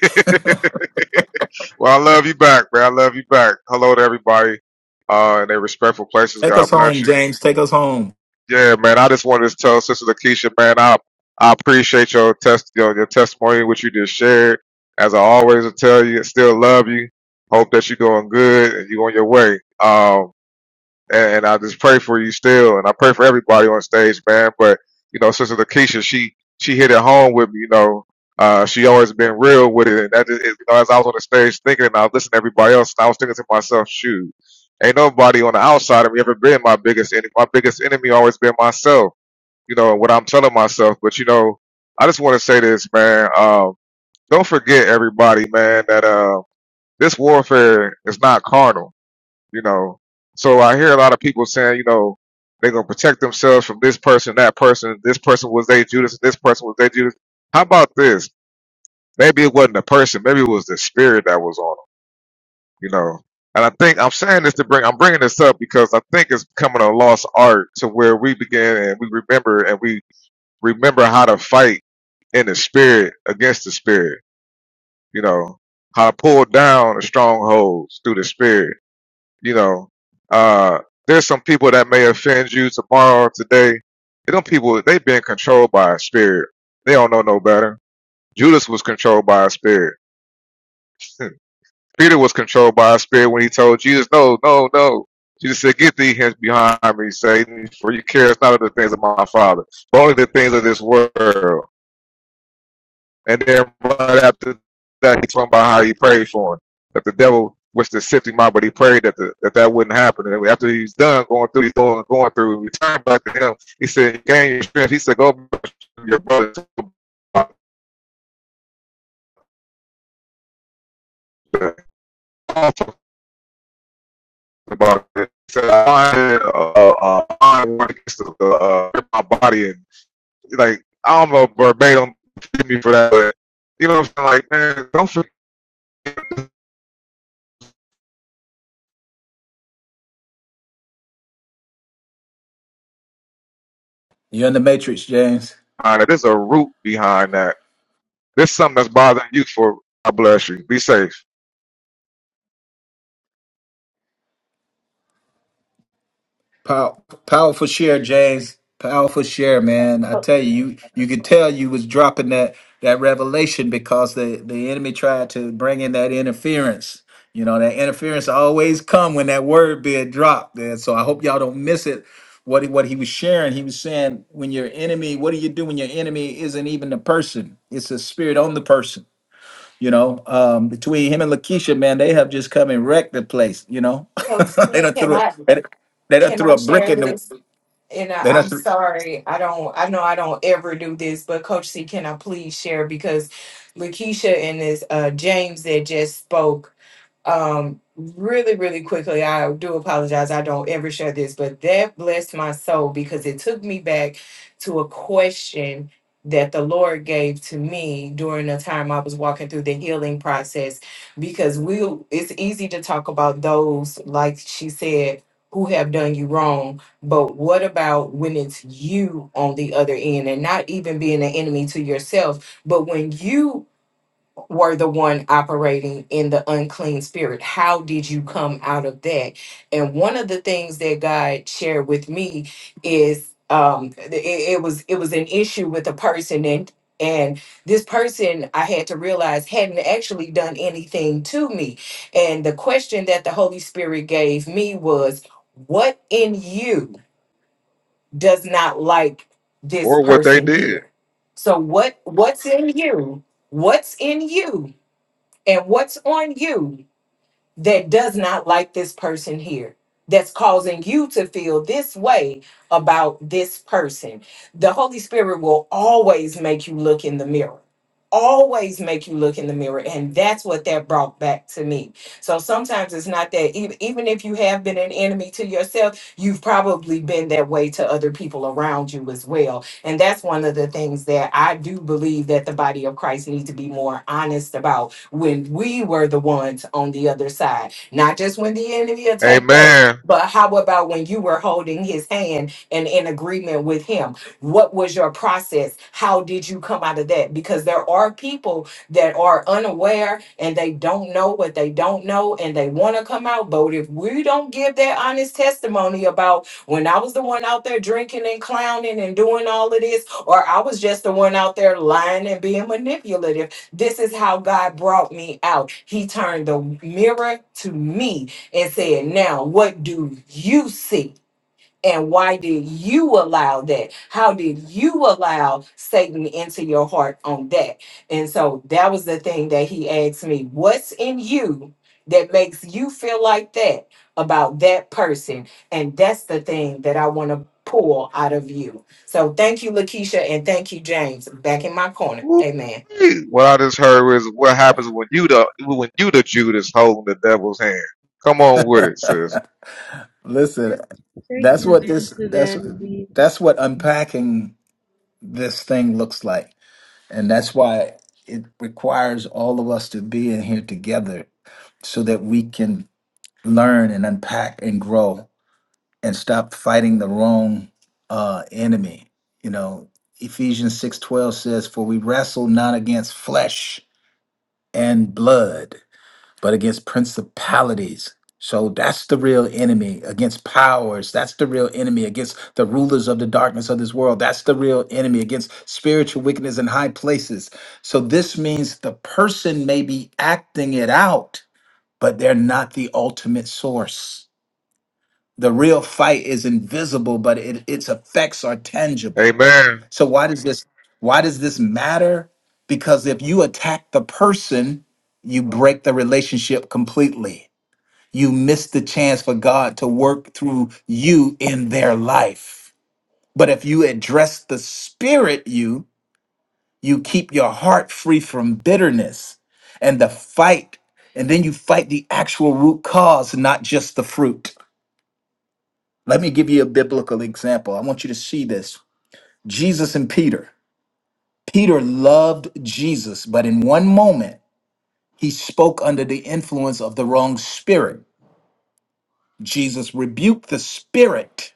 Speaker 4: well, I love you back, man. I love you back. Hello to everybody uh, in their respectful places.
Speaker 1: Take us
Speaker 4: God
Speaker 1: home,
Speaker 4: bless you.
Speaker 1: James. Take us home.
Speaker 4: Yeah, man. I just wanted to tell Sister Keisha, man, I I appreciate your test your, your testimony, which you just shared. As I always tell you, I still love you. Hope that you're doing good and you on your way. Um. and, and I just pray for you still, and I pray for everybody on stage, man. But you know, Sister Lakeisha, she she hit it home with me. You know, uh, she always been real with it, and that is, you know, as I was on the stage thinking, and I was listening to everybody else, and I was thinking to myself, shoot, ain't nobody on the outside of me ever been my biggest enemy. My biggest enemy always been myself. You know, and what I'm telling myself. But you know, I just want to say this, man. Um, don't forget, everybody, man, that uh, this warfare is not carnal you know. So I hear a lot of people saying, you know, they're gonna protect themselves from this person, that person, this person was they Judas, this person was they Judas. How about this? Maybe it wasn't a person, maybe it was the spirit that was on them, you know. And I think I'm saying this to bring, I'm bringing this up because I think it's becoming a lost art to where we begin and we remember and we remember how to fight in the spirit against the spirit, you know, how to pull down the strongholds through the spirit you know, uh, there's some people that may offend you tomorrow, or today. And them people, they've been controlled by a spirit. They don't know no better. Judas was controlled by a spirit. <laughs> Peter was controlled by a spirit when he told Jesus, no, no, no. Jesus said, get thee hence behind me, Satan, for you care not of the things of my Father, but only the things of this world. And then right after that, he talking about how he prayed for him, that the devil wished to sift him out, but he prayed that the, that that wouldn't happen. And after he's done going through, he's going going through, and returned back to him. He said, "Gain your strength." He said, "Go back to your brother." I'm talking about it. He said, "I had uh, uh, I against the, uh, uh, my body and like I don't know verbatim me for that, but you know what I'm saying? Like, man, don't forget
Speaker 1: You're in the matrix, James.
Speaker 4: that there's a root behind that This is something that's bothering you for I bless you. Be safe.
Speaker 1: Pow- powerful share, James. Powerful share, man. I tell you, you, you could tell you was dropping that that revelation because the the enemy tried to bring in that interference. You know that interference always come when that word being dropped. And so I hope y'all don't miss it. What he, what he was sharing, he was saying, when your enemy, what do you do when your enemy isn't even the person? It's a spirit on the person You know, um, between him and Lakeisha, man, they have just come and wrecked the place. You know,
Speaker 9: Coach
Speaker 1: <laughs> they
Speaker 9: C,
Speaker 1: don't
Speaker 9: can
Speaker 1: threw a,
Speaker 9: I
Speaker 1: they, done- they don't
Speaker 9: can
Speaker 1: threw
Speaker 9: I
Speaker 1: a brick
Speaker 9: share
Speaker 1: in the
Speaker 9: this? And I,
Speaker 1: they don't
Speaker 9: I'm
Speaker 1: threw,
Speaker 9: sorry, I don't. I know I don't ever do this, but Coach C, can I please share because Lakeisha and this uh, James that just spoke um really really quickly i do apologize i don't ever share this but that blessed my soul because it took me back to a question that the lord gave to me during the time i was walking through the healing process because we it's easy to talk about those like she said who have done you wrong but what about when it's you on the other end and not even being an enemy to yourself but when you were the one operating in the unclean spirit. How did you come out of that? And one of the things that God shared with me is um it, it was it was an issue with a person and and this person I had to realize hadn't actually done anything to me. And the question that the Holy Spirit gave me was, what in you does not like this
Speaker 4: Or what they
Speaker 9: person
Speaker 4: did.
Speaker 9: here? So what what's in you? What's in you and what's on you that does not like this person here that's causing you to feel this way about this person the holy spirit will always make you look in the mirror always make you look in the mirror and that's what that brought back to me so sometimes it's not that even, even if you have been an enemy to yourself you've probably been that way to other people around you as well and that's one of the things that i do believe that the body of christ needs to be more honest about when we were the ones on the other side. Not just when the enemy attacked us,
Speaker 4: Amen.
Speaker 9: but how about when you were holding his hand and in agreement with him? What was your process? How did you come out of that? Because there are people that are unaware and they don't know what they don't know and they want to come out. But if we don't give that honest testimony about when I was the one out there drinking and clowning and doing all of this, or I was just the one out there lying and being manipulative this is how God brought me out. He turned the mirror to me and said, Now, what do you see? And why did you allow that? How did you allow Satan into your heart on that? And so that was the thing that he asked me What's in you that makes you feel like that about that person? And that's the thing that I want to pull out of you. So thank you, Lakeisha, and thank you, James. Back in my corner. Amen.
Speaker 4: Woo-wee. What I just heard is what happens when you the when you the Judas holding the devil's hand. Come on with it, sis.
Speaker 1: listen.
Speaker 10: Thank
Speaker 1: That's
Speaker 10: you,
Speaker 1: what this
Speaker 10: Sister
Speaker 1: that's
Speaker 10: Danny
Speaker 1: that's what unpacking this thing looks like, and that's why it requires all of us to be in here together so that we can learn and unpack and grow and stop fighting the wrong uh, enemy. You know, Ephesians six twelve says, "For we wrestle not against flesh and blood, but against principalities." So that's the real enemy against powers. That's the real enemy against the rulers of the darkness of this world. That's the real enemy against spiritual wickedness in high places. So this means the person may be acting it out, but they're not the ultimate source the real fight is invisible but it, its effects are tangible
Speaker 4: Amen.
Speaker 1: so why does this why does this matter because if you attack the person you break the relationship completely you miss the chance for god to work through you in their life but if you address the spirit you you keep your heart free from bitterness and the fight and then you fight the actual root cause not just the fruit Let me give you a biblical example. I want you to see this. Jesus and Peter. Peter loved Jesus, but in one moment, he spoke under the influence of the wrong spirit. Jesus rebuked the spirit.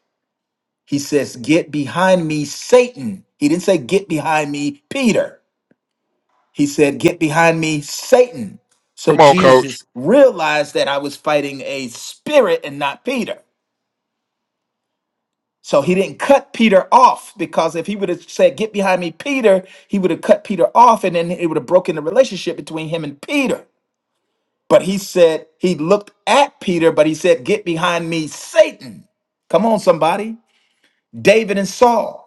Speaker 1: He says, Get behind me, Satan. He didn't say, Get behind me, Peter. He said, Get behind me, Satan. So
Speaker 4: Come on, coach.
Speaker 1: Jesus realized that I was fighting a spirit and not Peter. So he didn't cut Peter off because if he would have said, Get behind me, Peter, he would have cut Peter off and then it would have broken the relationship between him and Peter. But he said, He looked at Peter, but he said, Get behind me, Satan. Come on, somebody. David and Saul.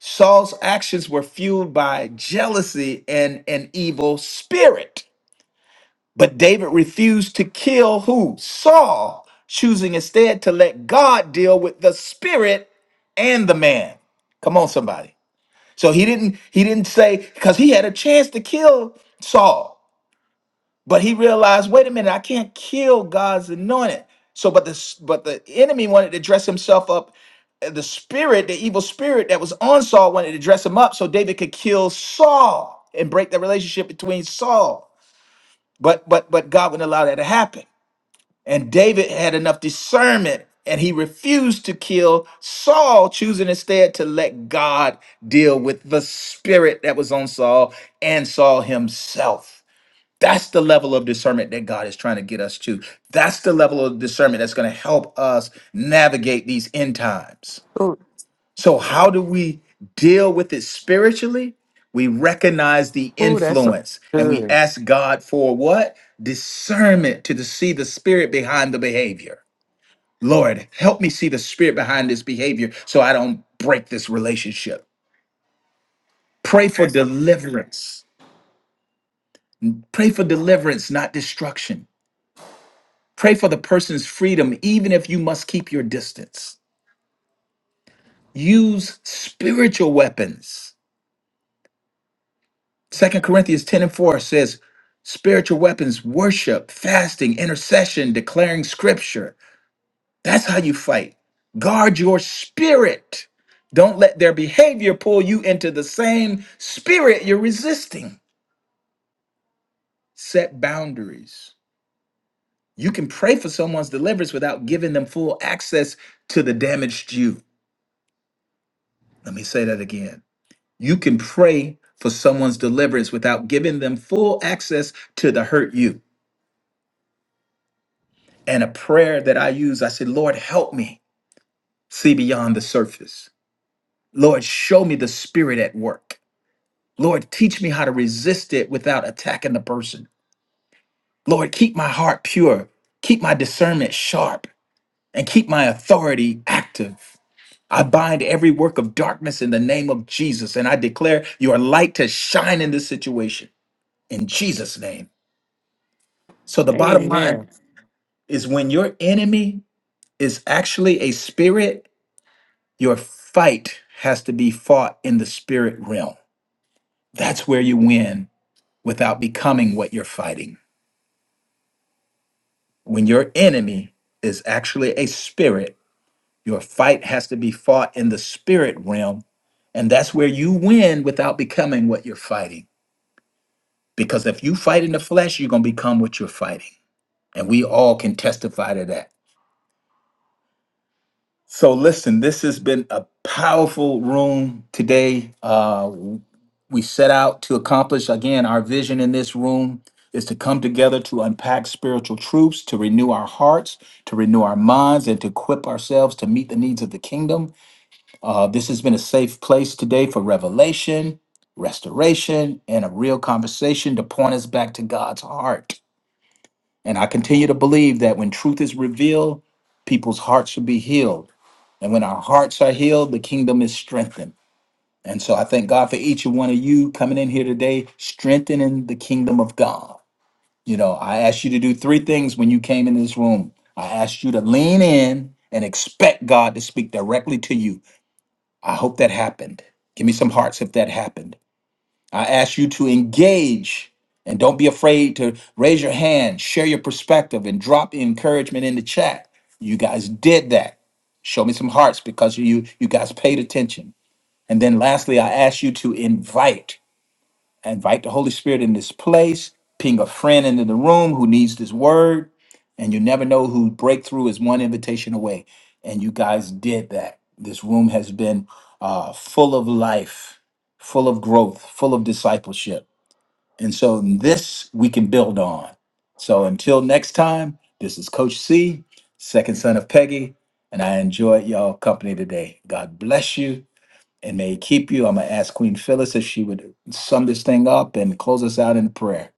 Speaker 1: Saul's actions were fueled by jealousy and an evil spirit. But David refused to kill who? Saul, choosing instead to let God deal with the spirit and the man. Come on, somebody. So he didn't he didn't say because he had a chance to kill Saul, but he realized, wait a minute, I can't kill God's anointed. So, but the but the enemy wanted to dress himself up. uh, The spirit, the evil spirit that was on Saul, wanted to dress him up so David could kill Saul and break the relationship between Saul. But but but God wouldn't allow that to happen. And David had enough discernment and he refused to kill Saul, choosing instead to let God deal with the spirit that was on Saul and Saul himself. That's the level of discernment that God is trying to get us to. That's the level of discernment that's going to help us navigate these end times.
Speaker 8: Ooh,
Speaker 1: So, how do we deal with it spiritually? We recognize the
Speaker 8: ooh, that's so
Speaker 1: influence and we
Speaker 8: good.
Speaker 1: ask God for what? Discernment to see the spirit behind the behavior. Lord, help me see the spirit behind this behavior so I don't break this relationship. Pray for deliverance. Pray for deliverance, not destruction. Pray for the person's freedom, even if you must keep your distance. Use spiritual weapons Second Corinthians 10 and 4 says, spiritual weapons, worship, fasting, intercession, declaring scripture. That's how you fight. Guard your spirit. Don't let their behavior pull you into the same spirit you're resisting. Set boundaries. You can pray for someone's deliverance without giving them full access to the damaged you. Let me say that again. You can pray for someone's deliverance without giving them full access to the hurt you. And a prayer that I use, I said, Lord, help me see beyond the surface. Lord, show me the spirit at work. Lord, teach me how to resist it without attacking the person. Lord, keep my heart pure, keep my discernment sharp, and keep my authority active. I bind every work of darkness in the name of Jesus, and I declare your light to shine in this situation in Jesus' name. So the bottom Amen. line
Speaker 8: Amen.
Speaker 1: is when your enemy is actually a spirit Your fight has to be fought in the spirit realm. That's where you win without becoming what you're fighting. When your enemy is actually a spirit, your fight has to be fought in the spirit realm. And that's where you win without becoming what you're fighting. Because if you fight in the flesh, you're going to become what you're fighting. And we all can testify to that. So, listen, this has been a powerful room today. Uh, we set out to accomplish. Again, our vision in this room is to come together to unpack spiritual truths, to renew our hearts, to renew our minds, and to equip ourselves to meet the needs of the kingdom. Uh, this has been a safe place today for revelation, restoration, and a real conversation to point us back to God's heart. And I continue to believe that when truth is revealed, people's hearts should be healed. And when our hearts are healed, the kingdom is strengthened. And so I thank God for each and one of you coming in here today, strengthening the kingdom of God. You know, I asked you to do three things when you came in this room. I asked you to lean in and expect God to speak directly to you. I hope that happened. Give me some hearts if that happened. I asked you to engage and don't be afraid to raise your hand, share your perspective, and drop encouragement in the chat. You guys did that. Show me some hearts because you you guys paid attention. And then lastly, I ask you to invite, invite the Holy Spirit in this place, ping a friend into the room who needs this word. And you never know who breakthrough is one invitation away. And you guys did that. This room has been uh, full of life, full of growth, full of discipleship. And so this we can build on. So until next time, this is Coach C, second son of Peggy, and I enjoyed y'all company today. God bless you and may he keep you. I'm going to ask Queen Phyllis if she would sum this thing up and close us out in prayer.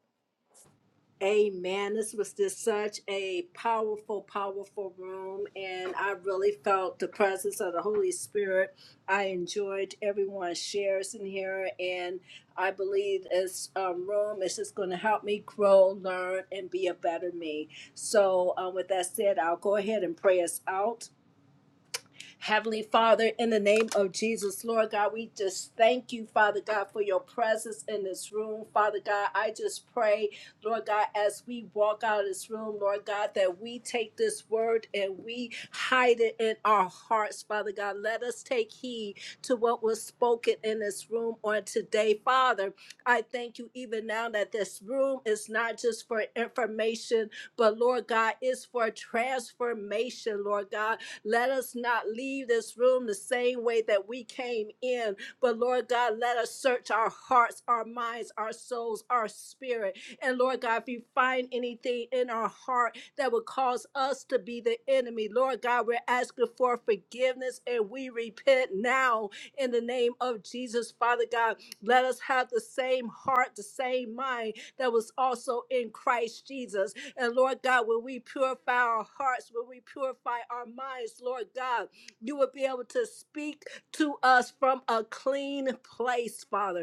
Speaker 7: Amen. This was just such a powerful, powerful room, and I really felt the presence of the Holy Spirit. I enjoyed everyone's shares in here, and I believe this um, room is just going to help me grow, learn, and be a better me. So, um, with that said, I'll go ahead and pray us out. Heavenly Father, in the name of Jesus, Lord God, we just thank you, Father God, for your presence in this room. Father God, I just pray, Lord God, as we walk out of this room, Lord God, that we take this word and we hide it in our hearts, Father God. Let us take heed to what was spoken in this room on today, Father. I thank you even now that this room is not just for information, but Lord God, it's for transformation, Lord God. Let us not leave this room the same way that we came in. But Lord God, let us search our hearts, our minds, our souls, our spirit. And Lord God, if you find anything in our heart that would cause us to be the enemy, Lord God, we're asking for forgiveness and we repent now in the name of Jesus, Father God. Let us have the same heart, the same mind that was also in Christ Jesus. And Lord God, when we purify our hearts, when we purify our minds, Lord God, you will be able to speak to us from a clean place, Father.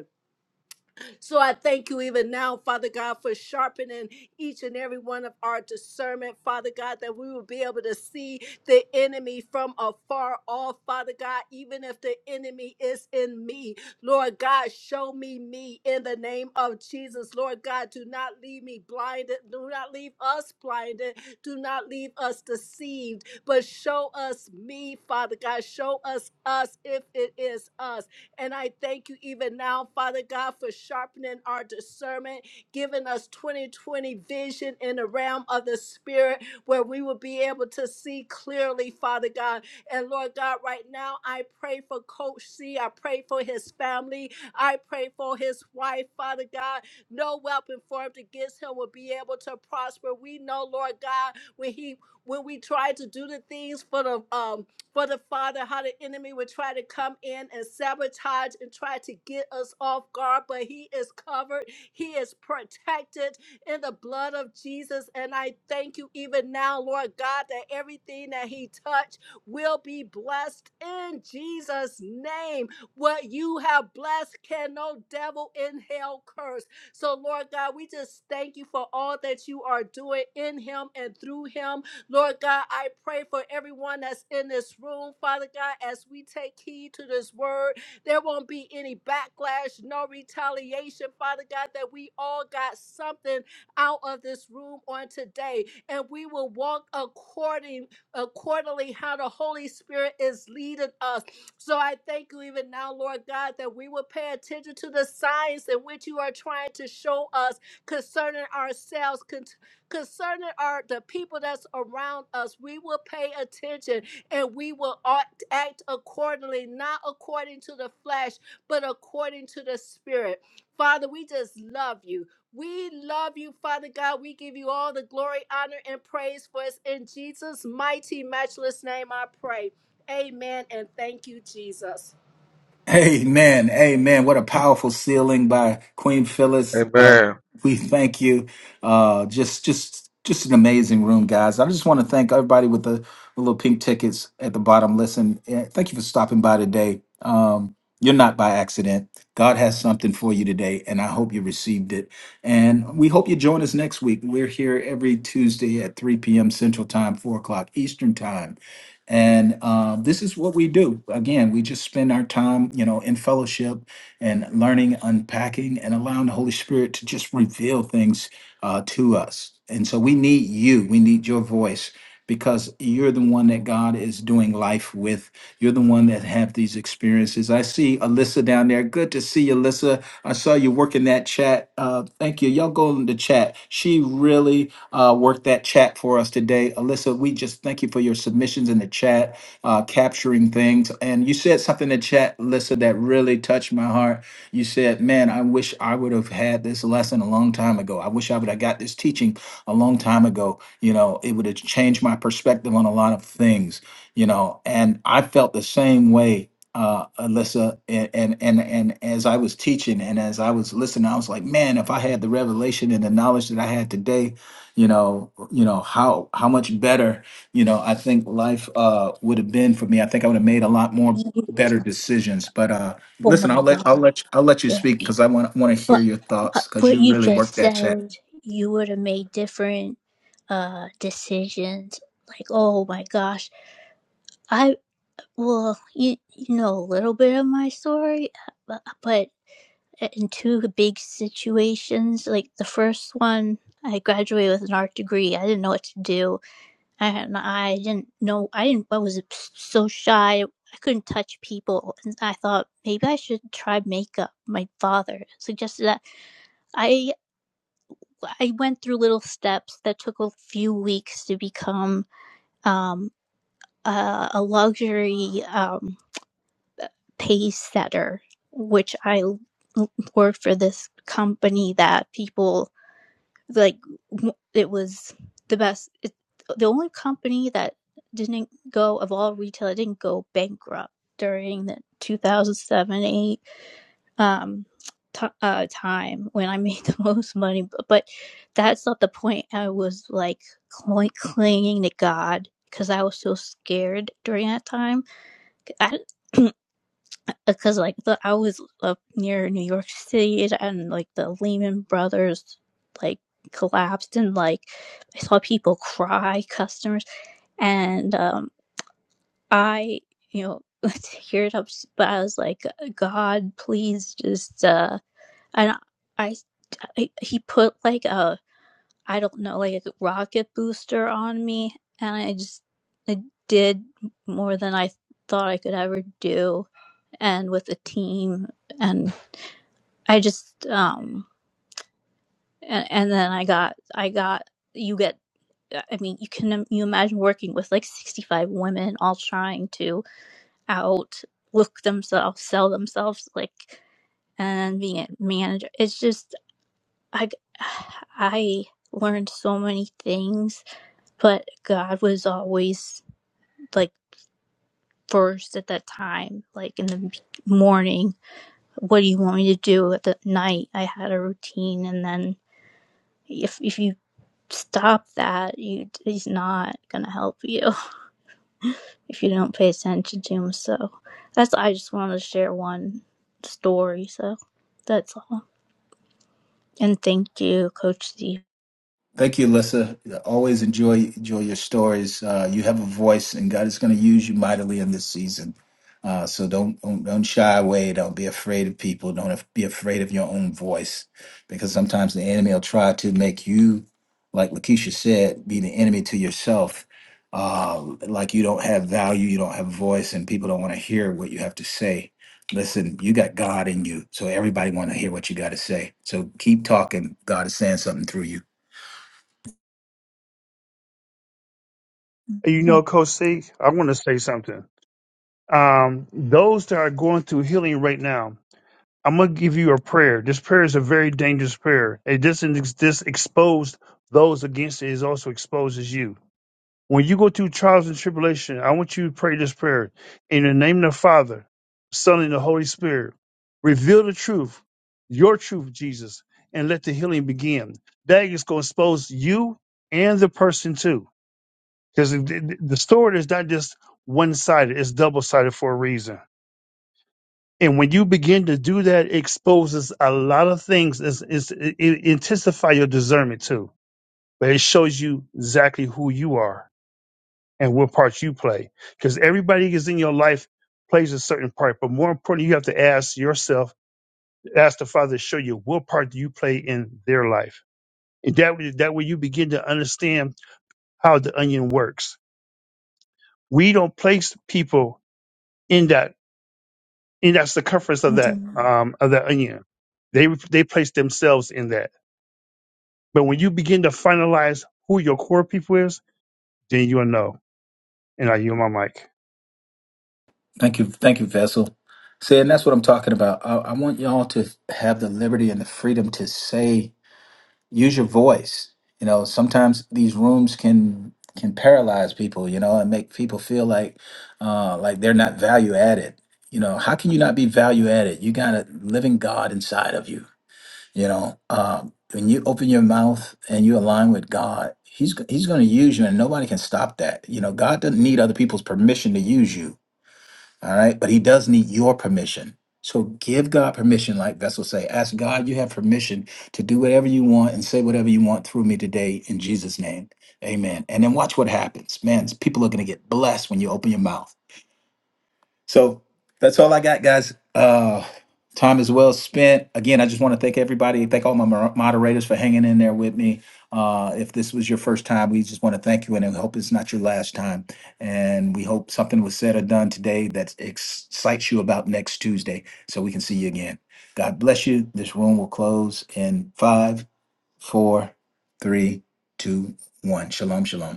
Speaker 7: So I thank you even now, Father God, for sharpening each and every one of our discernment, Father God, that we will be able to see the enemy from afar off, Father God, even if the enemy is in me. Lord God, show me me in the name of Jesus. Lord God, do not leave me blinded. Do not leave us blinded. Do not leave us deceived, but show us me, Father God. Show us us if it is us. And I thank you even now, Father God, for sharpening our discernment, giving us 2020 vision in the realm of the Spirit, where we will be able to see clearly, Father God. And Lord God, right now, I pray for Coach C. I pray for his family. I pray for his wife, Father God. No weapon formed against him will be able to prosper. We know, Lord God, when he when we try to do the things for the um for the Father, how the enemy would try to come in and sabotage and try to get us off guard, but He is covered, He is protected in the blood of Jesus. And I thank you even now, Lord God, that everything that He touched will be blessed in Jesus' name. What you have blessed can no devil in hell curse. So, Lord God, we just thank you for all that you are doing in Him and through Him Lord God, I pray for everyone that's in this room, Father God, as we take heed to this word, there won't be any backlash, no retaliation, Father God, that we all got something out of this room on today. And we will walk according accordingly how the Holy Spirit is leading us. So I thank you even now, Lord God, that we will pay attention to the signs in which you are trying to show us concerning ourselves, concerning our the people that's around us. We will pay attention and we will act, act accordingly, not according to the flesh, but according to the spirit. Father, we just love you. We love you, Father God. We give you all the glory, honor, and praise for us in Jesus' mighty, matchless name. I pray. Amen. And thank you, Jesus.
Speaker 1: Amen. Amen. What a powerful sealing by Queen Phyllis. Uh,
Speaker 4: Amen.
Speaker 1: we thank you. Uh, just, just, just an amazing room, guys. I just want to thank everybody with the, the little pink tickets at the bottom. Listen, eh, thank you for stopping by today. Um, you're not by accident. God has something for you today, and I hope you received it. And we hope you join us next week. We're here every Tuesday at 3 p.m. Central Time, 4 o'clock Eastern Time. And um, this is what we do. Again, we just spend our time, you know, in fellowship and learning, unpacking, and allowing the Holy Spirit to just reveal things uh, to us. And so we need you. We need your voice because you're the one that God is doing life with. You're the one that have these experiences. I see Alyssa down there. Good to see you, Alyssa. I saw you working that chat. Uh, thank you. Y'all go in the chat. She really uh, worked that chat for us today. Alyssa, we just thank you for your submissions in the chat, uh, capturing things. And you said something in the chat, Alyssa, that really touched my heart. You said, Man, I wish I would have had this lesson a long time ago. I wish I would have got this teaching a long time ago. You know, it would have changed my perspective on a lot of things, you know. And I felt the same way uh, Alyssa, and, and and and as I was teaching and as I was listening, I was like, man, if I had the revelation and the knowledge that I had today, you know you know how how much better you know i think life uh would have been for me i think i would have made a lot more better decisions but uh
Speaker 11: Oh
Speaker 1: listen
Speaker 11: my
Speaker 1: i'll let i'll
Speaker 11: god.
Speaker 1: let i'll let you
Speaker 11: Yeah.
Speaker 1: speak because i want want to hear
Speaker 11: But
Speaker 1: your thoughts
Speaker 11: but
Speaker 1: because
Speaker 11: what
Speaker 1: you
Speaker 11: you
Speaker 1: really
Speaker 11: just
Speaker 1: worked that chat
Speaker 11: said, you would have made different uh decisions. Like, oh my gosh. I well, you you know a little bit of my story, uh, but in two big situations, like the first one, I graduated with an art degree. I didn't know what to do. I had my eye. I didn't know. I didn't. I was so shy. I couldn't touch people, and I thought maybe I should try makeup. My father suggested that. I I went through little steps that took a few weeks to become um, a, a luxury um, pay setter, which I worked for this company that people like it was the best. It, the only company that didn't go of all retail It didn't go bankrupt during the 2007 8 um, t- uh, time when I <laughs> made the most money. B- But that's not the point. I was like cl- clinging to God because I was so scared during that time. I, <clears throat> because like the I was up near New York City and like the Lehman Brothers like collapsed and like I saw people cry, customers, and um I you know <laughs> teared up, but I was like, God, please just uh and I, I he put like a I don't know like a rocket booster on me, and I just I did more than I thought I could ever do and with a team and i just um and, and then i got i got you get i mean you can you imagine working with like 65 women all trying to out look themselves sell themselves like and being a manager it's just i <sighs> i learned so many things but god was always like first at that time like in the morning what do you want me to do at the night? I had a routine, and then if if you stop that, you he's not gonna help you <laughs> if you don't pay attention to him. So that's I just wanted to share one story. So that's all. And thank you, Coach Steve.
Speaker 1: Thank you, Lissa. Always enjoy enjoy your stories. Uh, you have a voice, and God is going to use you mightily in this season. Uh, so don't, don't don't shy away. Don't be afraid of people. Don't af- be afraid of your own voice, because sometimes the enemy will try to make you, like Lakeisha said, be the enemy to yourself. Uh, like you don't have value, you don't have voice, and people don't want to hear what you have to say. Listen, you got God in you, so everybody want to hear what you got to say. So keep talking. God is saying something through you.
Speaker 6: You
Speaker 11: Yeah,
Speaker 6: know, Coach C, I want to say something. Um, those that are going through healing right now, I'm going to give you a prayer. This prayer is a very dangerous prayer. And this, this exposed those against it, it also exposes you. When you go through trials and tribulation, I want you to pray this prayer. In the name of the Father, Son, and the Holy Spirit, reveal the truth, your truth, Jesus, and let the healing begin. That is going to expose you and the person too. Because the the- the sword is not just one sided, it's double sided for a reason. And when you begin to do that, it exposes a lot of things. It's, it's, it, it intensify your discernment too, but it shows you exactly who you are and what part you play. Because everybody is in your life plays a certain part, but more importantly, you have to ask yourself, ask the Father to show you what part do you play in their life. And that way, that way you begin to understand how the onion works. We don't place people in that in that circumference of
Speaker 11: thank
Speaker 6: that
Speaker 11: you.
Speaker 6: um of that onion. They they place themselves in that But when you begin to finalize who your core people is, then you'll know. And I yield my mic.
Speaker 1: Thank you, thank you, Vessel. See, and that's what I'm talking about. I, I want y'all to have the liberty and the freedom to say, use your voice. You know, sometimes these rooms can can paralyze people. You know, and make people feel like uh, like they're not value added. You know, how can you not be value added? You got a living God inside of you. You know, um, when you open your mouth and you align with God, He's go- He's going to use you, and nobody can stop that. You know, God doesn't need other people's permission to use you. All right, but He does need your permission. So give God permission, like Vessel say. Ask God, you have permission to do whatever you want and say whatever you want through me today in Jesus' name. Amen. And then watch what happens. Man, people are going to get blessed when you open your mouth. So that's all I got, guys. Uh, time is well spent. Again, I just want to thank everybody. Thank all my mo- moderators for hanging in there with me. Uh, if this was your first time, we just want to thank you and I hope it's not your last time. And we hope something was said or done today that excites you about next Tuesday so we can see you again. God bless you. This room will close in five, four, three, two, one. Shalom, shalom.